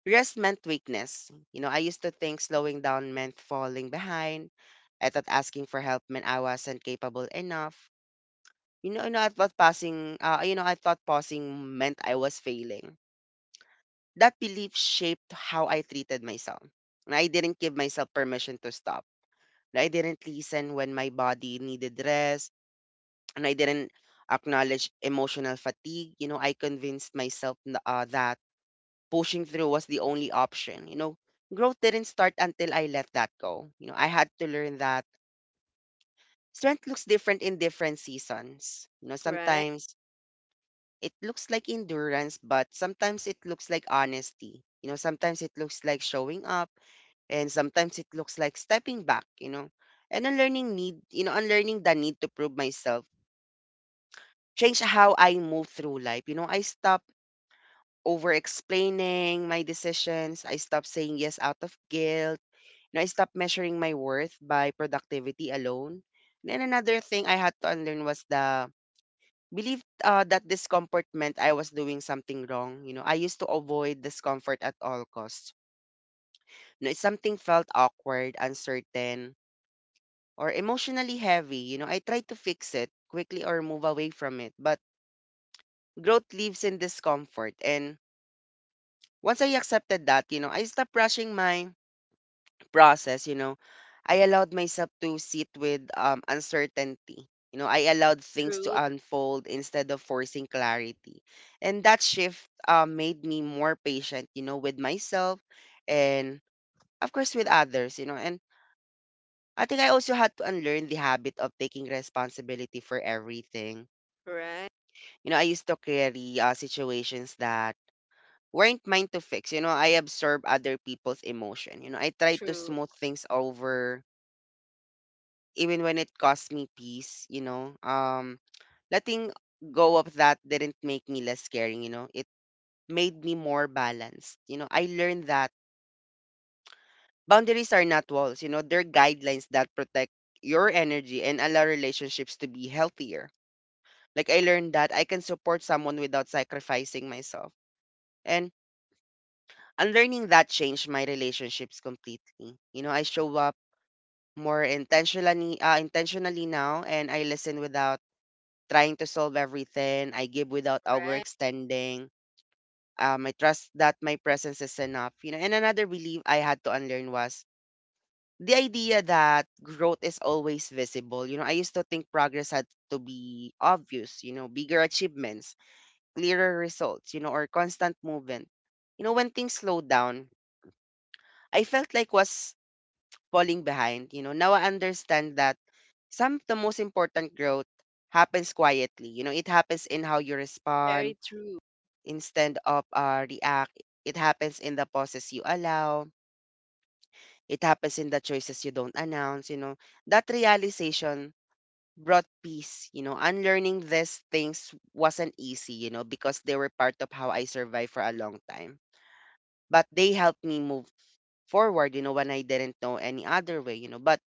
[SPEAKER 1] rest meant weakness. You know, I used to think slowing down meant falling behind. I thought asking for help meant I wasn't capable enough. You know, you know, I thought passing, uh, you know, I thought pausing meant I was failing. That belief shaped how I treated myself. And I didn't give myself permission to stop. And I didn't listen when my body needed rest. And I didn't acknowledge emotional fatigue. You know, I convinced myself n- uh, that pushing through was the only option. You know, growth didn't start until I let that go. You know, I had to learn that strength looks different in different seasons. You know,
[SPEAKER 2] right.
[SPEAKER 1] sometimes it looks like endurance, but sometimes it looks like honesty. You know, sometimes it looks like showing up, and sometimes it looks like stepping back, you know, and unlearning need, you know, unlearning the need to prove myself. Change how I move through life. You know, I stop over explaining my decisions. I stop saying yes out of guilt. You know, I stop measuring my worth by productivity alone. Then another thing I had to unlearn was the believed uh, that discomfort meant I was doing something wrong. You know, I used to avoid discomfort at all costs. You know, if something felt awkward, uncertain, or emotionally heavy, you know, I tried to fix it quickly or move away from it. But growth lives in discomfort. And once I accepted that, you know, I stopped rushing my process. You know, I allowed myself to sit with um, uncertainty. You know, I allowed things to
[SPEAKER 2] True,
[SPEAKER 1] unfold instead of forcing clarity. And that shift um, made me more patient, you know, with myself and, of course, with others, you know. And I think I also had to unlearn the habit of taking responsibility for everything.
[SPEAKER 2] right.
[SPEAKER 1] You know, I used to carry uh, situations that weren't mine to fix. You know, I absorb other people's emotion. You know, I try to
[SPEAKER 2] True,
[SPEAKER 1] smooth things over even when it cost me peace, you know. Um, letting go of that didn't make me less caring, you know. It made me more balanced. You know, I learned that boundaries are not walls, you know, they're guidelines that protect your energy and allow relationships to be healthier. Like I learned that I can support someone without sacrificing myself. And unlearning that changed my relationships completely. You know, I show up more intentionally uh, intentionally now, and I listen without trying to solve everything. I give without
[SPEAKER 2] right.
[SPEAKER 1] overextending. Um, I trust that my presence is enough. You know, and another belief I had to unlearn was the idea that growth is always visible. You know, I used to think progress had to be obvious, you know, bigger achievements, clearer results, you know, or constant movement. You know, when things slowed down, I felt like was falling behind. You know, now I understand that some of the most important growth happens quietly. You know, it happens in how you respond
[SPEAKER 2] Very true,
[SPEAKER 1] instead of uh, react. It happens in the pauses you allow. It happens in the choices you don't announce. You know that realization brought peace. You know, unlearning these things wasn't easy. You know, because they were part of how I survived for a long time. But they helped me move forward. You know, when I didn't know any other way. You know, but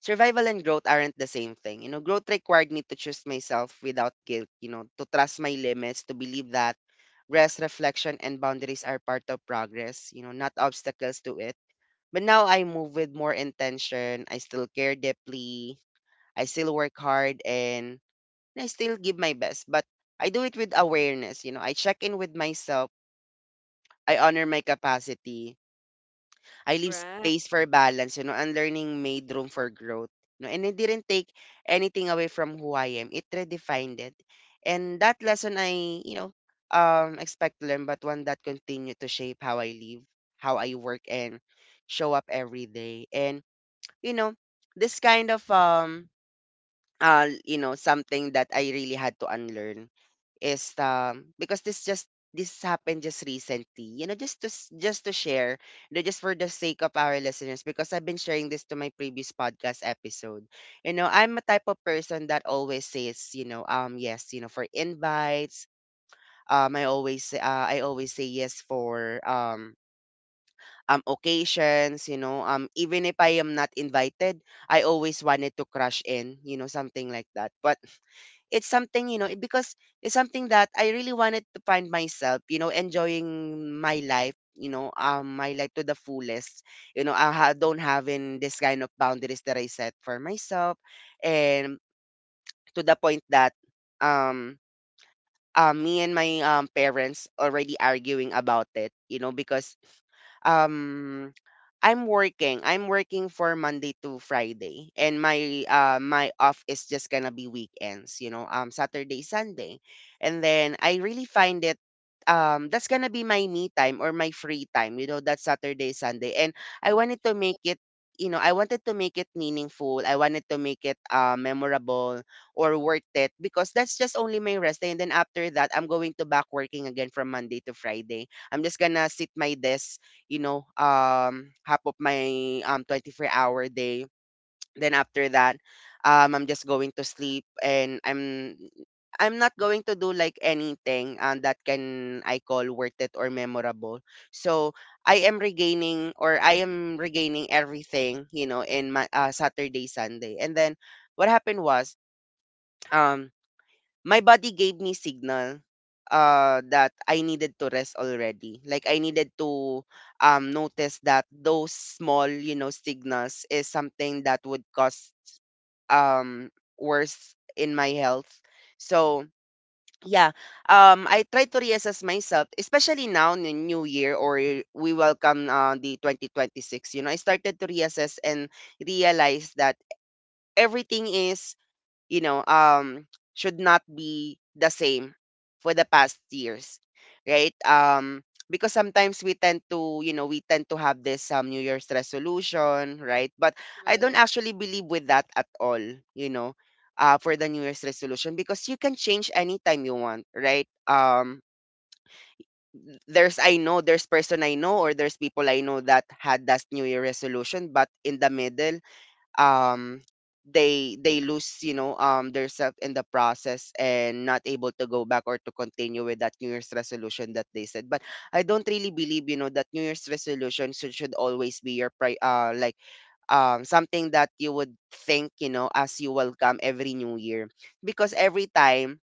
[SPEAKER 1] survival and growth aren't the same thing. You know, growth required me to choose myself without guilt, you know, to trust my limits, to believe that rest, reflection, and boundaries are part of progress, you know, not obstacles to it. But now I move with more intention. I still care deeply. I still work hard and I still give my best. But I do it with awareness. You know, I check in with myself. I honor my capacity. I leave
[SPEAKER 2] right.
[SPEAKER 1] space for balance, you know, and learning made room for growth. No, and it didn't take anything away from who I am. It redefined it. And that lesson I, you know, um expect to learn, but one that continued to shape how I live, how I work and show up every day. And, you know, this kind of um uh you know, Something that I really had to unlearn is um because this just this happened just recently, you know, just to s- just to share, you know, just for the sake of our listeners, because I've been sharing this to my previous podcast episode. You know, I'm a type of person that always says, you know, um yes, you know, for invites. um I always say- uh, I always say yes for um um occasions, you know. Um even if I am not invited, I always wanted to crush in, you know, something like that. But it's something, you know, it- because it's something that I really wanted to find myself, you know, enjoying my life, you know, um, my life to the fullest. You know, I ha- don't have in this kind of boundaries that I set for myself, and to the point that, um, um, me and my um parents already arguing about it, you know, because um I'm working. I'm working for Monday to Friday, and my uh my off is just gonna be weekends. You know, um Saturday, Sunday, and then I really find it um that's gonna be my me time or my free time. You know, that Saturday, Sunday, and I wanted to make it. You know, I wanted to make it meaningful. I wanted to make it uh, memorable or worth it, because that's just only my rest day. And then after that, I'm going to back working again from Monday to Friday. I'm just gonna sit my desk, you know, um, half of my um twenty-four hour day. Then after that, um, I'm just going to sleep, and I'm I'm not going to do like anything, um, that can I call worth it or memorable. So I am regaining, or I am regaining everything, you know, in my, uh, Saturday, Sunday. And then what happened was, um my body gave me signal uh that I needed to rest already. Like, I needed to um notice that those small, you know, signals is something that would cause um worse in my health. So yeah, um I try to reassess myself, especially now in the new year, or y- we welcome, uh, the twenty twenty-six. You know, I started to reassess and realize that everything is, you know, um should not be the same for the past years, right? Um because sometimes we tend to, you know, we tend to have this, um new year's resolution, right? But I don't
[SPEAKER 2] True,
[SPEAKER 1] actually believe with that at all, you know, uh for the new year's resolution, because you can change anytime you want, right? Um there's, I know, there's person I know, or there's people I know that had that New Year resolution, but in the middle, um they they lose, you know, um their self in the process and not able to go back or to continue with that new year's resolution that they said. But I don't really believe, you know, that new year's resolution should, should always be your pri- uh like um something that you would think, you know, as you welcome every new year. Because every time,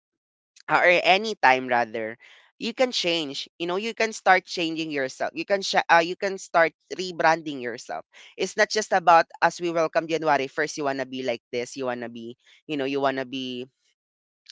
[SPEAKER 1] uh, or any time rather, you can change, you know, you can start changing yourself, you can sh- uh, you can start rebranding yourself. It's not just about as we welcome January first you want to be like this, you want to be, you know, you want to be,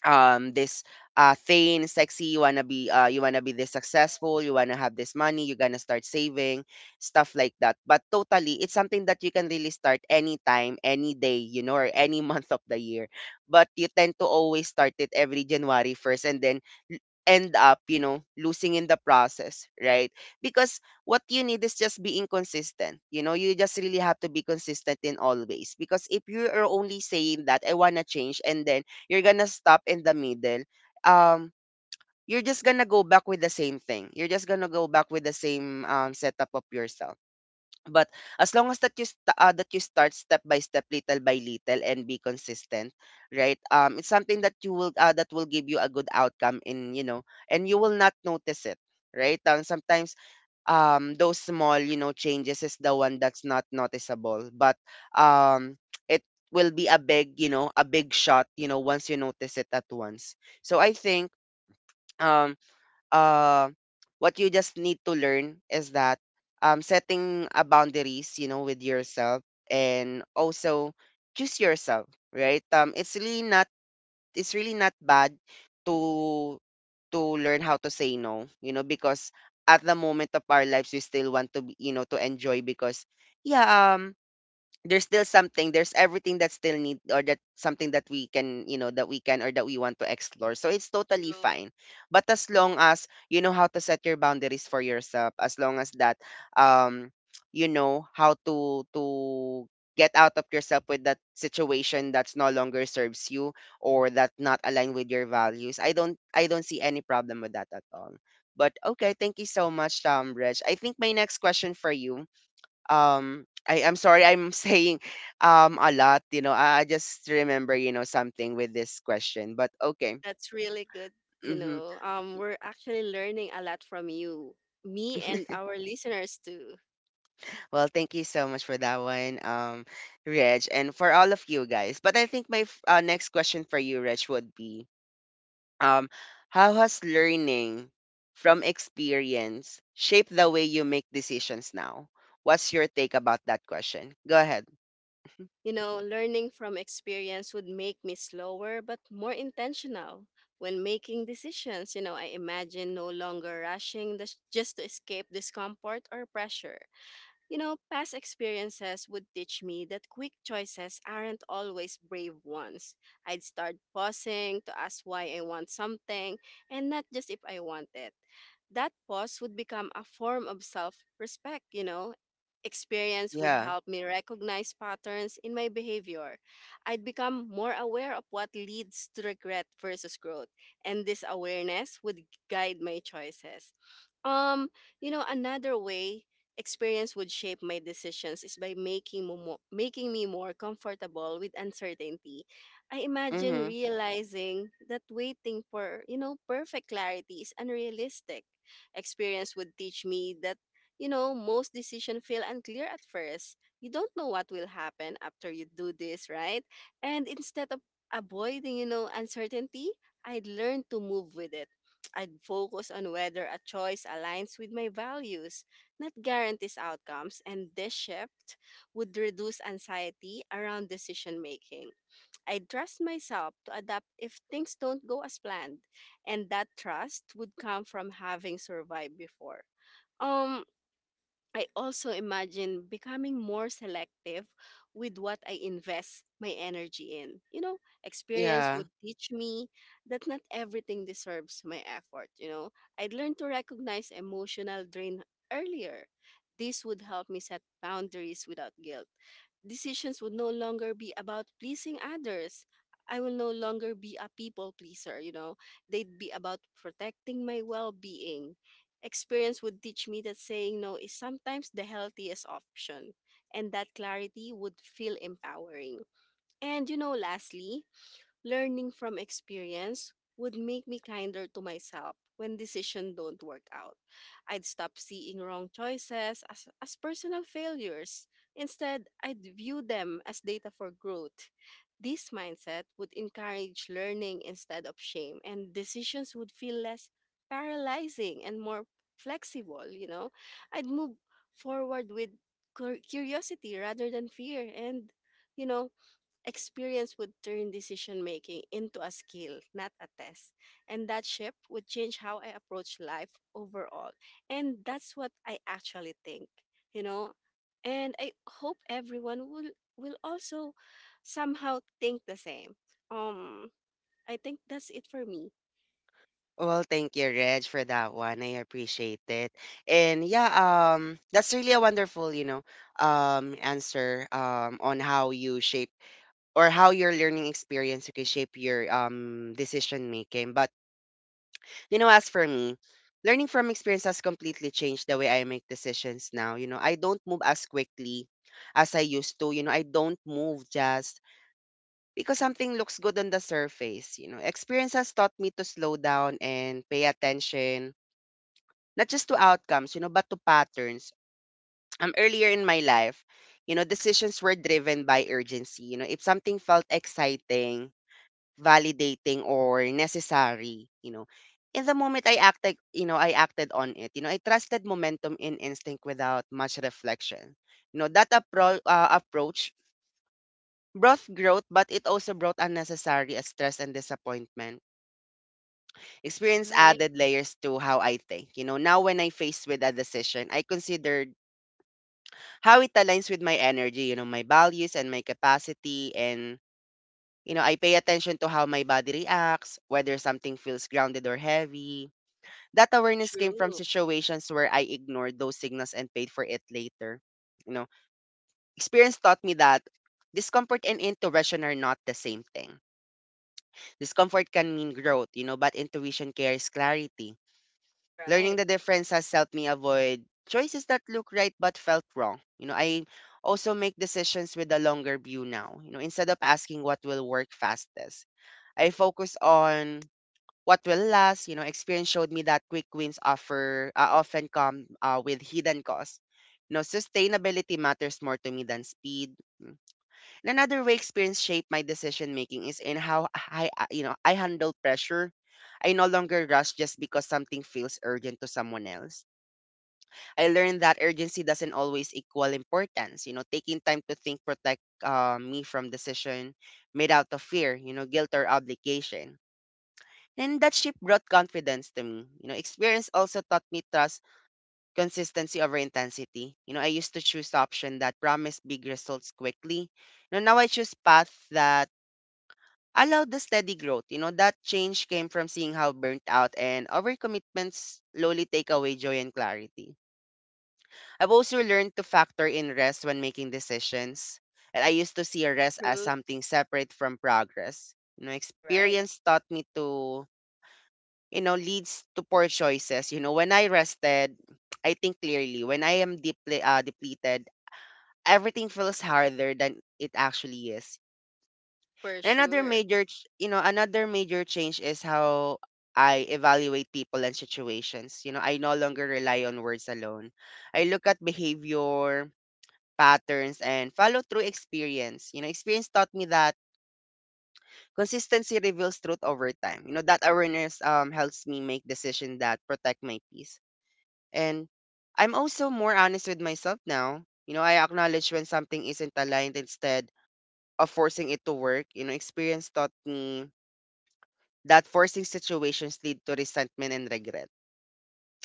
[SPEAKER 1] um this uh thing sexy, you wanna be, uh you wanna be this successful, you wanna have this money, you're gonna start saving, stuff like that. But totally, it's something that you can really start anytime, any day, you know, or any month of the year. But you tend to always start it every January first, and then l- end up, you know, losing in the process, right? Because what you need is just being consistent, you know, you just really have to be consistent in always. Because if you are only saying that I want to change and then you're gonna stop in the middle, um, you're just gonna go back with the same thing. You're just gonna go back with the same, um, setup of yourself. But as long as that you st- uh, that you start step by step, little by little, and be consistent, right? Um, it's something that you will, uh, that will give you a good outcome in, you know, and you will not notice it, right? Um, sometimes, um, those small, you know, changes is the one that's not noticeable, but, um, it will be a big, you know, a big shot, you know, once you notice it at once. So I think, um, uh, what you just need to learn is that, um, setting a boundaries, you know, with yourself, and also choose yourself, right? Um, it's really not it's really not bad to to learn how to say no, you know, because at the moment of our lives we still want to be, you know, to enjoy. Because yeah, um there's still something there's everything that still need, or that something that we can, you know, that we can, or that we want to explore, so it's totally
[SPEAKER 2] true.
[SPEAKER 1] fine. But as long as you know how to set your boundaries for yourself, as long as that, um you know how to to get out of yourself with that situation that's no longer serves you, or that not aligned with your values, i don't I don't see any problem with that at all. But okay, thank you so much, um Reg, I think my next question for you, um I, I'm sorry, I'm saying, um a lot, you know, I, I just remember, you know, something with this question, but okay.
[SPEAKER 2] That's really good. You
[SPEAKER 1] Mm-hmm.
[SPEAKER 2] know, um, we're actually learning a lot from you, me and our listeners too.
[SPEAKER 1] Well, thank you so much for that one, um Reg, and for all of you guys. But I think my f- uh, next question for you, Reg, would be, um how has learning from experience shaped the way you make decisions now? What's your take about that question? Go ahead.
[SPEAKER 2] You know, learning from experience would make me slower but more intentional when making decisions. You know, I imagine no longer rushing this just to escape discomfort or pressure. You know, past experiences would teach me that quick choices aren't always brave ones. I'd start pausing to ask why I want something and not just if I want it. That pause would become a form of self respect, you know. Experience would
[SPEAKER 1] Yeah.
[SPEAKER 2] help me recognize patterns in my behavior. I'd become more aware of what leads to regret versus growth, and this awareness would guide my choices. Um, you know, another way experience would shape my decisions is by making mo- mo- making me more comfortable with uncertainty. I imagine
[SPEAKER 1] Mm-hmm.
[SPEAKER 2] realizing that waiting for, you know, perfect clarity is unrealistic. Experience would teach me that, you know, most decisions feel unclear at first. You don't know what will happen after you do this, right? And instead of avoiding, you know, uncertainty, I'd learn to move with it. I'd focus on whether a choice aligns with my values not guarantees outcomes, and this shift would reduce anxiety around decision making. I trust myself to adapt if things don't go as planned, and that trust would come from having survived before. Um, I also imagine becoming more selective with what I invest my energy in. You know, experience
[SPEAKER 1] Yeah.
[SPEAKER 2] would teach me that not everything deserves my effort. You know, I'd learn to recognize emotional drain earlier. This would help me set boundaries without guilt. Decisions would no longer be about pleasing others. I will no longer be a people pleaser, you know. They'd be about protecting my well being. Experience would teach me that saying no is sometimes the healthiest option, and that clarity would feel empowering. And you know, lastly, learning from experience would make me kinder to myself when decisions don't work out. I'd stop seeing wrong choices as, as personal failures. Instead, I'd view them as data for growth. This mindset would encourage learning instead of shame, and decisions would feel less paralyzing and more flexible, you know? I'd move forward with cur- curiosity rather than fear, and you know, experience would turn decision making into a skill, not a test. And that shift would change how I approach life overall. And that's what I actually think, you know. And I hope everyone will will also somehow think the same. Um I think that's it for me.
[SPEAKER 1] Well, thank you, Reg, for that one. I appreciate it. And yeah, um, that's really a wonderful, you know, um, answer um, on how you shape or how your learning experience can shape your, um, decision making. But, you know, as for me, learning from experience has completely changed the way I make decisions now. You know, I don't move as quickly as I used to. You know, I don't move just because something looks good on the surface. You know, experience has taught me to slow down and pay attention, not just to outcomes, you know, but to patterns. Um, earlier in my life, you know, decisions were driven by urgency. You know, if something felt exciting, validating, or necessary, you know, in the moment I acted, you know, I acted on it. You know, I trusted momentum in instinct without much reflection. You know, that appro- uh, approach brought growth, but it also brought unnecessary stress and disappointment. Experience
[SPEAKER 2] Right.
[SPEAKER 1] added layers to how I think. You know, now when I faced with a decision, I consider how it aligns with my energy, you know, my values and my capacity. And, you know, I pay attention to how my body reacts, whether something feels grounded or heavy. That awareness came from
[SPEAKER 2] True.
[SPEAKER 1] situations where I ignored those signals and paid for it later. You know, experience taught me that discomfort and intuition are not the same thing. Discomfort can mean growth, you know, but intuition carries clarity. Learning
[SPEAKER 2] Right.
[SPEAKER 1] the difference has helped me avoid choices that look right but felt wrong. You know, I also make decisions with a longer view now. You know, instead of asking what will work fastest, I focus on what will last. You know, experience showed me that quick wins offer uh, often come uh, with hidden costs. You know, sustainability matters more to me than speed. Hmm. And another way experience shaped my decision making is in how I, I- you know, I handle pressure. I no longer rush just because something feels urgent to someone else. I learned that urgency doesn't always equal importance. You know, taking time to think protect uh, me from decision made out of fear, you know, guilt or obligation. And that shift brought confidence to me. You know, experience also taught me trust consistency over intensity. You know, I used to choose option that promised big results quickly. You know, now I choose path that allowed the steady growth. You know, that change came from seeing how burnt out and overcommitments slowly take away joy and clarity. I've also learned to factor in rest when making decisions. And I used to see rest as
[SPEAKER 2] True.
[SPEAKER 1] something separate from progress. You know,
[SPEAKER 2] Right.
[SPEAKER 1] experience taught me to, you know, leads to poor choices. You know, when I rested, I think clearly. When I am deeply uh, depleted, everything feels harder than it actually is.
[SPEAKER 2] For
[SPEAKER 1] Another
[SPEAKER 2] sure.
[SPEAKER 1] major, ch- you know, another major change is how I evaluate people and situations. You know, I no longer rely on words alone. I look at behavior, patterns, and follow through experience. You know, experience taught me that consistency reveals truth over time. You know, that awareness um helps me make decisions that protect my peace. And I'm also more honest with myself now. You know, I acknowledge when something isn't aligned instead of forcing it to work. You know, experience taught me that forcing situations lead to resentment and regret.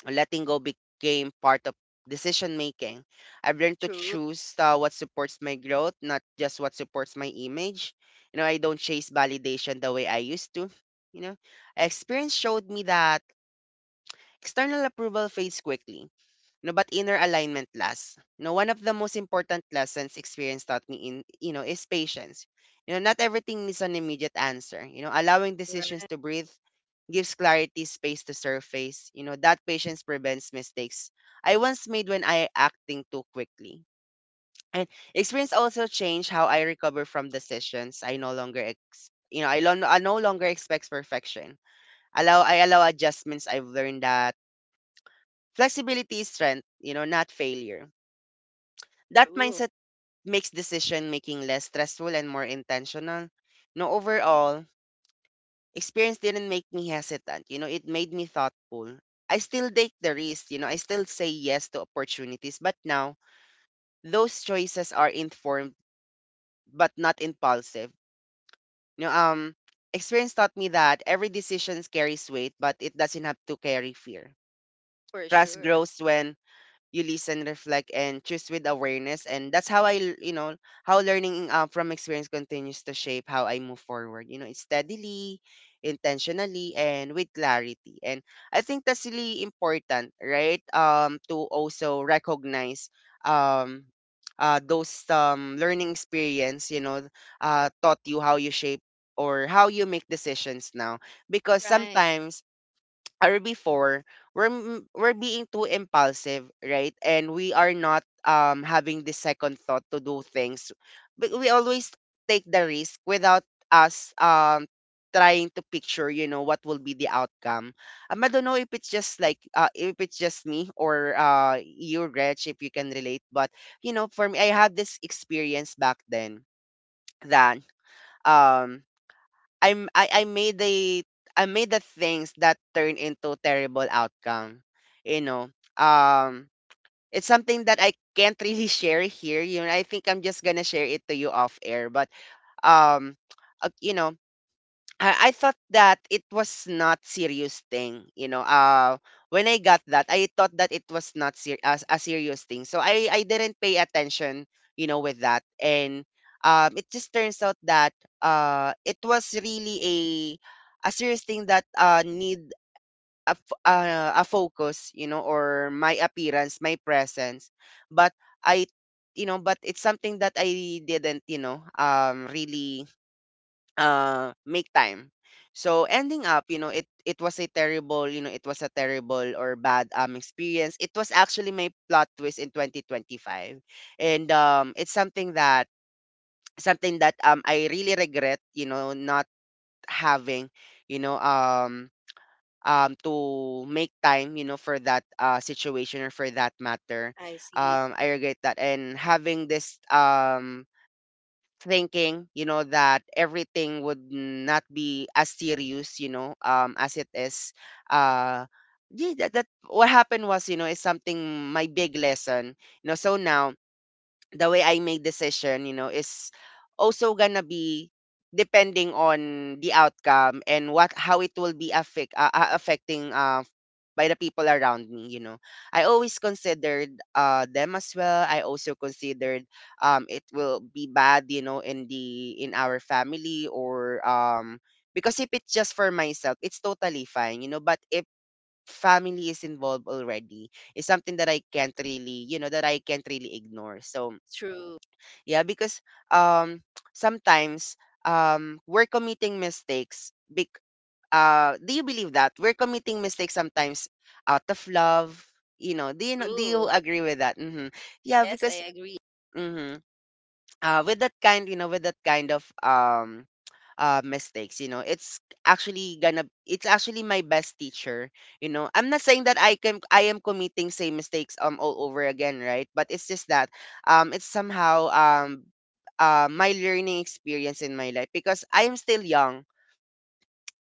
[SPEAKER 1] Letting go became part of decision making. I've learned to
[SPEAKER 2] True.
[SPEAKER 1] choose uh, what supports my growth, not just what supports my image. You know, I don't chase validation the way I used to. You know, experience showed me that external approval fades quickly, no, but inner alignment lasts. No, one of the most important lessons experience taught me in, you know, is patience. You know, not everything needs an immediate answer. You know, allowing decisions
[SPEAKER 2] Right.
[SPEAKER 1] to breathe gives clarity space to surface. You know, that patience prevents mistakes I once made when I acting too quickly. And experience also changed how I recover from decisions. I no longer ex- you know, I, lo- I no longer expect perfection. Allow I allow adjustments. I've learned that flexibility is strength, you know, not failure. That
[SPEAKER 2] True.
[SPEAKER 1] mindset makes decision making less stressful and more intentional. No, overall, experience didn't make me hesitant. You know, it made me thoughtful. I still take the risk. You know, I still say yes to opportunities. But now, those choices are informed but not impulsive. You know, um, Experience taught me that every decision carries weight, but it doesn't have to carry fear.
[SPEAKER 2] For
[SPEAKER 1] Trust
[SPEAKER 2] sure.
[SPEAKER 1] grows when you listen, reflect, and choose with awareness. And that's how I, l- you know, how learning uh, from experience continues to shape how I move forward. You know, it's steadily, intentionally, and with clarity. And I think that's really important, right? Um, to also recognize um uh those um learning experience, you know, uh taught you how you shape or how you make decisions now, because
[SPEAKER 2] Right.
[SPEAKER 1] sometimes or before we're m- we're being too impulsive, right, and we are not um having the second thought to do things, but we always take the risk without us um trying to picture, you know, what will be the outcome. um, I don't know if it's just like uh, if it's just me or uh you, Reg, if you can relate, but you know, for me, I had this experience back then that um I'm I I made the, I made the things that turn into terrible outcome. You know, um, it's something that I can't really share here. You know, I think I'm just gonna share it to you off air. But um, uh, you know, I, I thought that it was not serious thing, you know. Uh, when I got that, I thought that it was not ser- a, a serious thing. So I, I didn't pay attention, you know, with that. And um, it just turns out that uh, it was really a a serious thing that uh, need a, f- uh, a focus, you know, or my appearance, my presence. But I, you know, but it's something that I didn't, you know, um, really uh make time, so ending up, you know, it it was a terrible, you know, it was a terrible or bad um experience. It was actually my plot twist in twenty twenty-five. And um, it's something that, something that um I really regret, you know, not having, you know, um um to make time, you know, for that uh situation or for that matter.
[SPEAKER 2] I see.
[SPEAKER 1] um I regret that and having this um thinking, you know, that everything would not be as serious, you know, um, as it is. Uh, yeah, that, that what happened was, you know, is something my big lesson. You know, so now the way I make decision, you know, is also gonna be depending on the outcome and what how it will be affect uh, uh, affecting uh by the people around me, you know. I always considered uh them as well. I also considered um it will be bad, you know, in the, in our family, or um, because if it's just for myself, it's totally fine, you know, but if family is involved already, it's something that I can't really, you know, that I can't really ignore. So
[SPEAKER 2] True.
[SPEAKER 1] yeah, because um sometimes um we're committing mistakes. Bec- uh, do you believe that we're committing mistakes sometimes out of love? You know, do you know, do you
[SPEAKER 2] True.
[SPEAKER 1] agree with that? Hmm. Yeah,
[SPEAKER 2] Yes,
[SPEAKER 1] because,
[SPEAKER 2] I agree.
[SPEAKER 1] mhm, uh, with that kind, you know, with that kind of um uh, mistakes, you know, it's actually gonna it's actually my best teacher. You know, I'm not saying that i can I am committing same mistakes um all over again, right? But it's just that um it's somehow um uh, my learning experience in my life, because I am still young.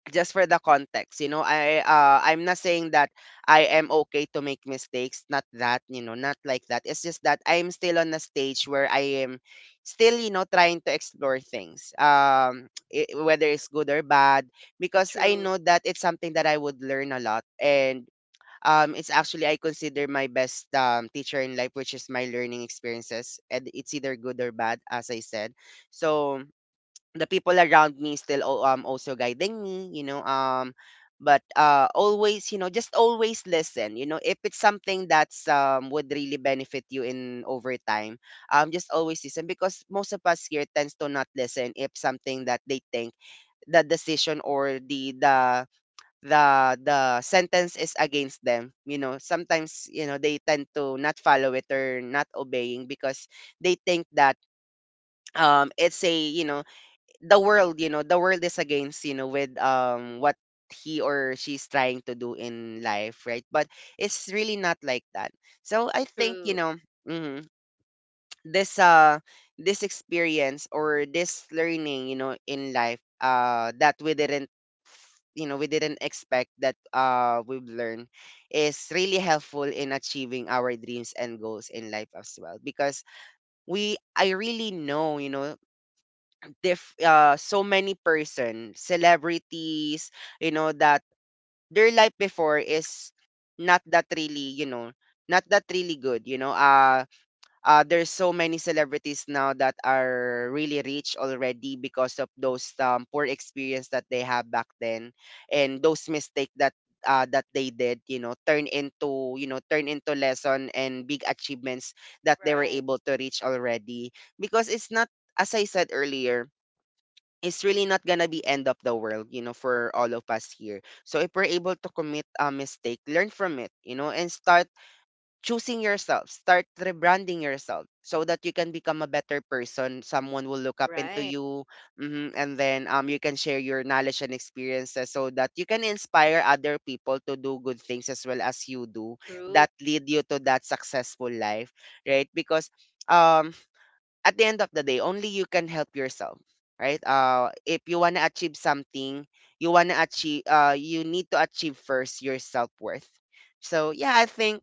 [SPEAKER 1] Just for the context, you know, I uh I'm not saying that I am okay to make mistakes, not that, you know, not like that. It's just that I'm still on a stage where I am still, you know, trying to explore things. Um, i- whether it's good or bad, because I
[SPEAKER 2] True,
[SPEAKER 1] know that it's something that I would learn a lot, and um, it's actually I consider my best um, teacher in life, which is my learning experiences, and it's either good or bad, as I said. So the people around me still al- um also guiding me, you know, um, but uh always, you know, just always listen, you know, if it's something that's um would really benefit you in over time. Um just always listen, because most of us here tends to not listen if something that they think the decision or the the the the sentence is against them, you know. Sometimes, you know, they tend to not follow it or not obeying, because they think that um it's a, you know, the world, you know, the world is against, you know, with um what he or she's trying to do in life, right? But it's really not like that. So I think, you
[SPEAKER 2] true.
[SPEAKER 1] know, mhm, this uh this experience or this learning, you know, in life uh that we didn't f- you know, we didn't expect that uh we've learned, is really helpful in achieving our dreams and goals in life as well, because we I really know, you know, diff uh, so many person, celebrities, you know, that their life before is not that really, you know, not that really good, you know. Uh, uh there's so many celebrities now that are really rich already because of those um, poor experience that they have back then, and those mistake that uh, that they did, you know, turn into, you know, turn into lesson and big achievements that they were
[SPEAKER 2] Right,
[SPEAKER 1] able to reach already. Because it's not, as I said earlier, it's really not gonna be end of the world, you know, for all of us here. So if we're able to commit a mistake, learn from it, you know, and start choosing yourself, start rebranding yourself, so that you can become a better person. Someone will look up into
[SPEAKER 2] right.
[SPEAKER 1] you, hmm, and then um, you can share your knowledge and experiences, so that you can inspire other people to do good things as well as you do,
[SPEAKER 2] True,
[SPEAKER 1] that lead you to that successful life, right? Because um, at the end of the day, only you can help yourself, right? Uh, if you wanna achieve something, you wanna achieve, uh, you need to achieve first your self worth. So yeah, I think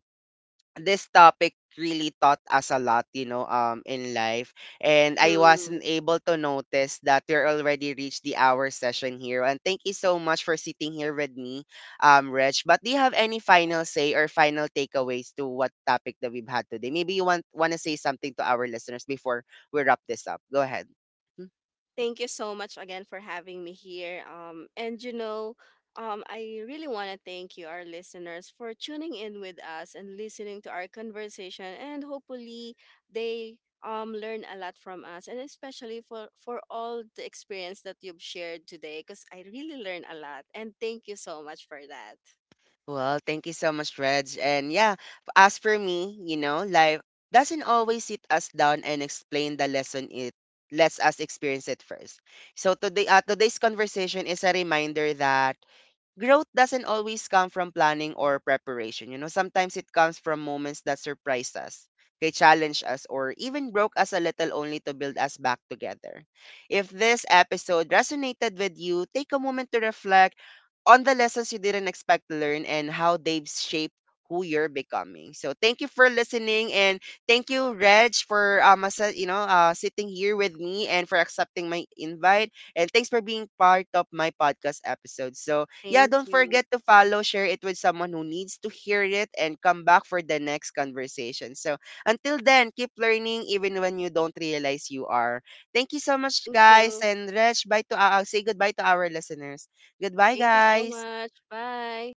[SPEAKER 1] this topic really taught us a lot, you know, um, in life. And I
[SPEAKER 2] true.
[SPEAKER 1] wasn't able to notice that we're already reached the hour session here. And thank you so much for sitting here with me, um, Rich. But do you have any final say or final takeaways to what topic that we've had today? Maybe you want want to say something to our listeners before we wrap this up. Go ahead.
[SPEAKER 2] Thank you so much again for having me here. Um, and you know, um, I really want to thank you, our listeners, for tuning in with us and listening to our conversation. And hopefully, they um learn a lot from us, and especially for for all the experience that you've shared today, because I really learned a lot. And thank you so much for that.
[SPEAKER 1] Well, thank you so much, Reg. And yeah, as for me, you know, life doesn't always sit us down and explain the lesson, it lets us experience it first. So today, uh, today's conversation is a reminder that growth doesn't always come from planning or preparation. You know, sometimes it comes from moments that surprise us, okay, challenge us, or even broke us a little, only to build us back together. If this episode resonated with you, take a moment to reflect on the lessons you didn't expect to learn and how they've shaped who you're becoming. So thank you for listening, and thank you, Reg, for um, as you know, uh sitting here with me, and for accepting my invite, and thanks for being part of my podcast episode. So yeah, don't
[SPEAKER 2] Thank you.
[SPEAKER 1] forget to follow, share it with someone who needs to hear it, and come back for the next conversation. So until then, keep learning even when you don't realize you are. Thank you so much,
[SPEAKER 2] Thank
[SPEAKER 1] guys.
[SPEAKER 2] you.
[SPEAKER 1] And Resh, bye to uh, say goodbye to our listeners. Goodbye,
[SPEAKER 2] Thank you so
[SPEAKER 1] guys.
[SPEAKER 2] much. Bye.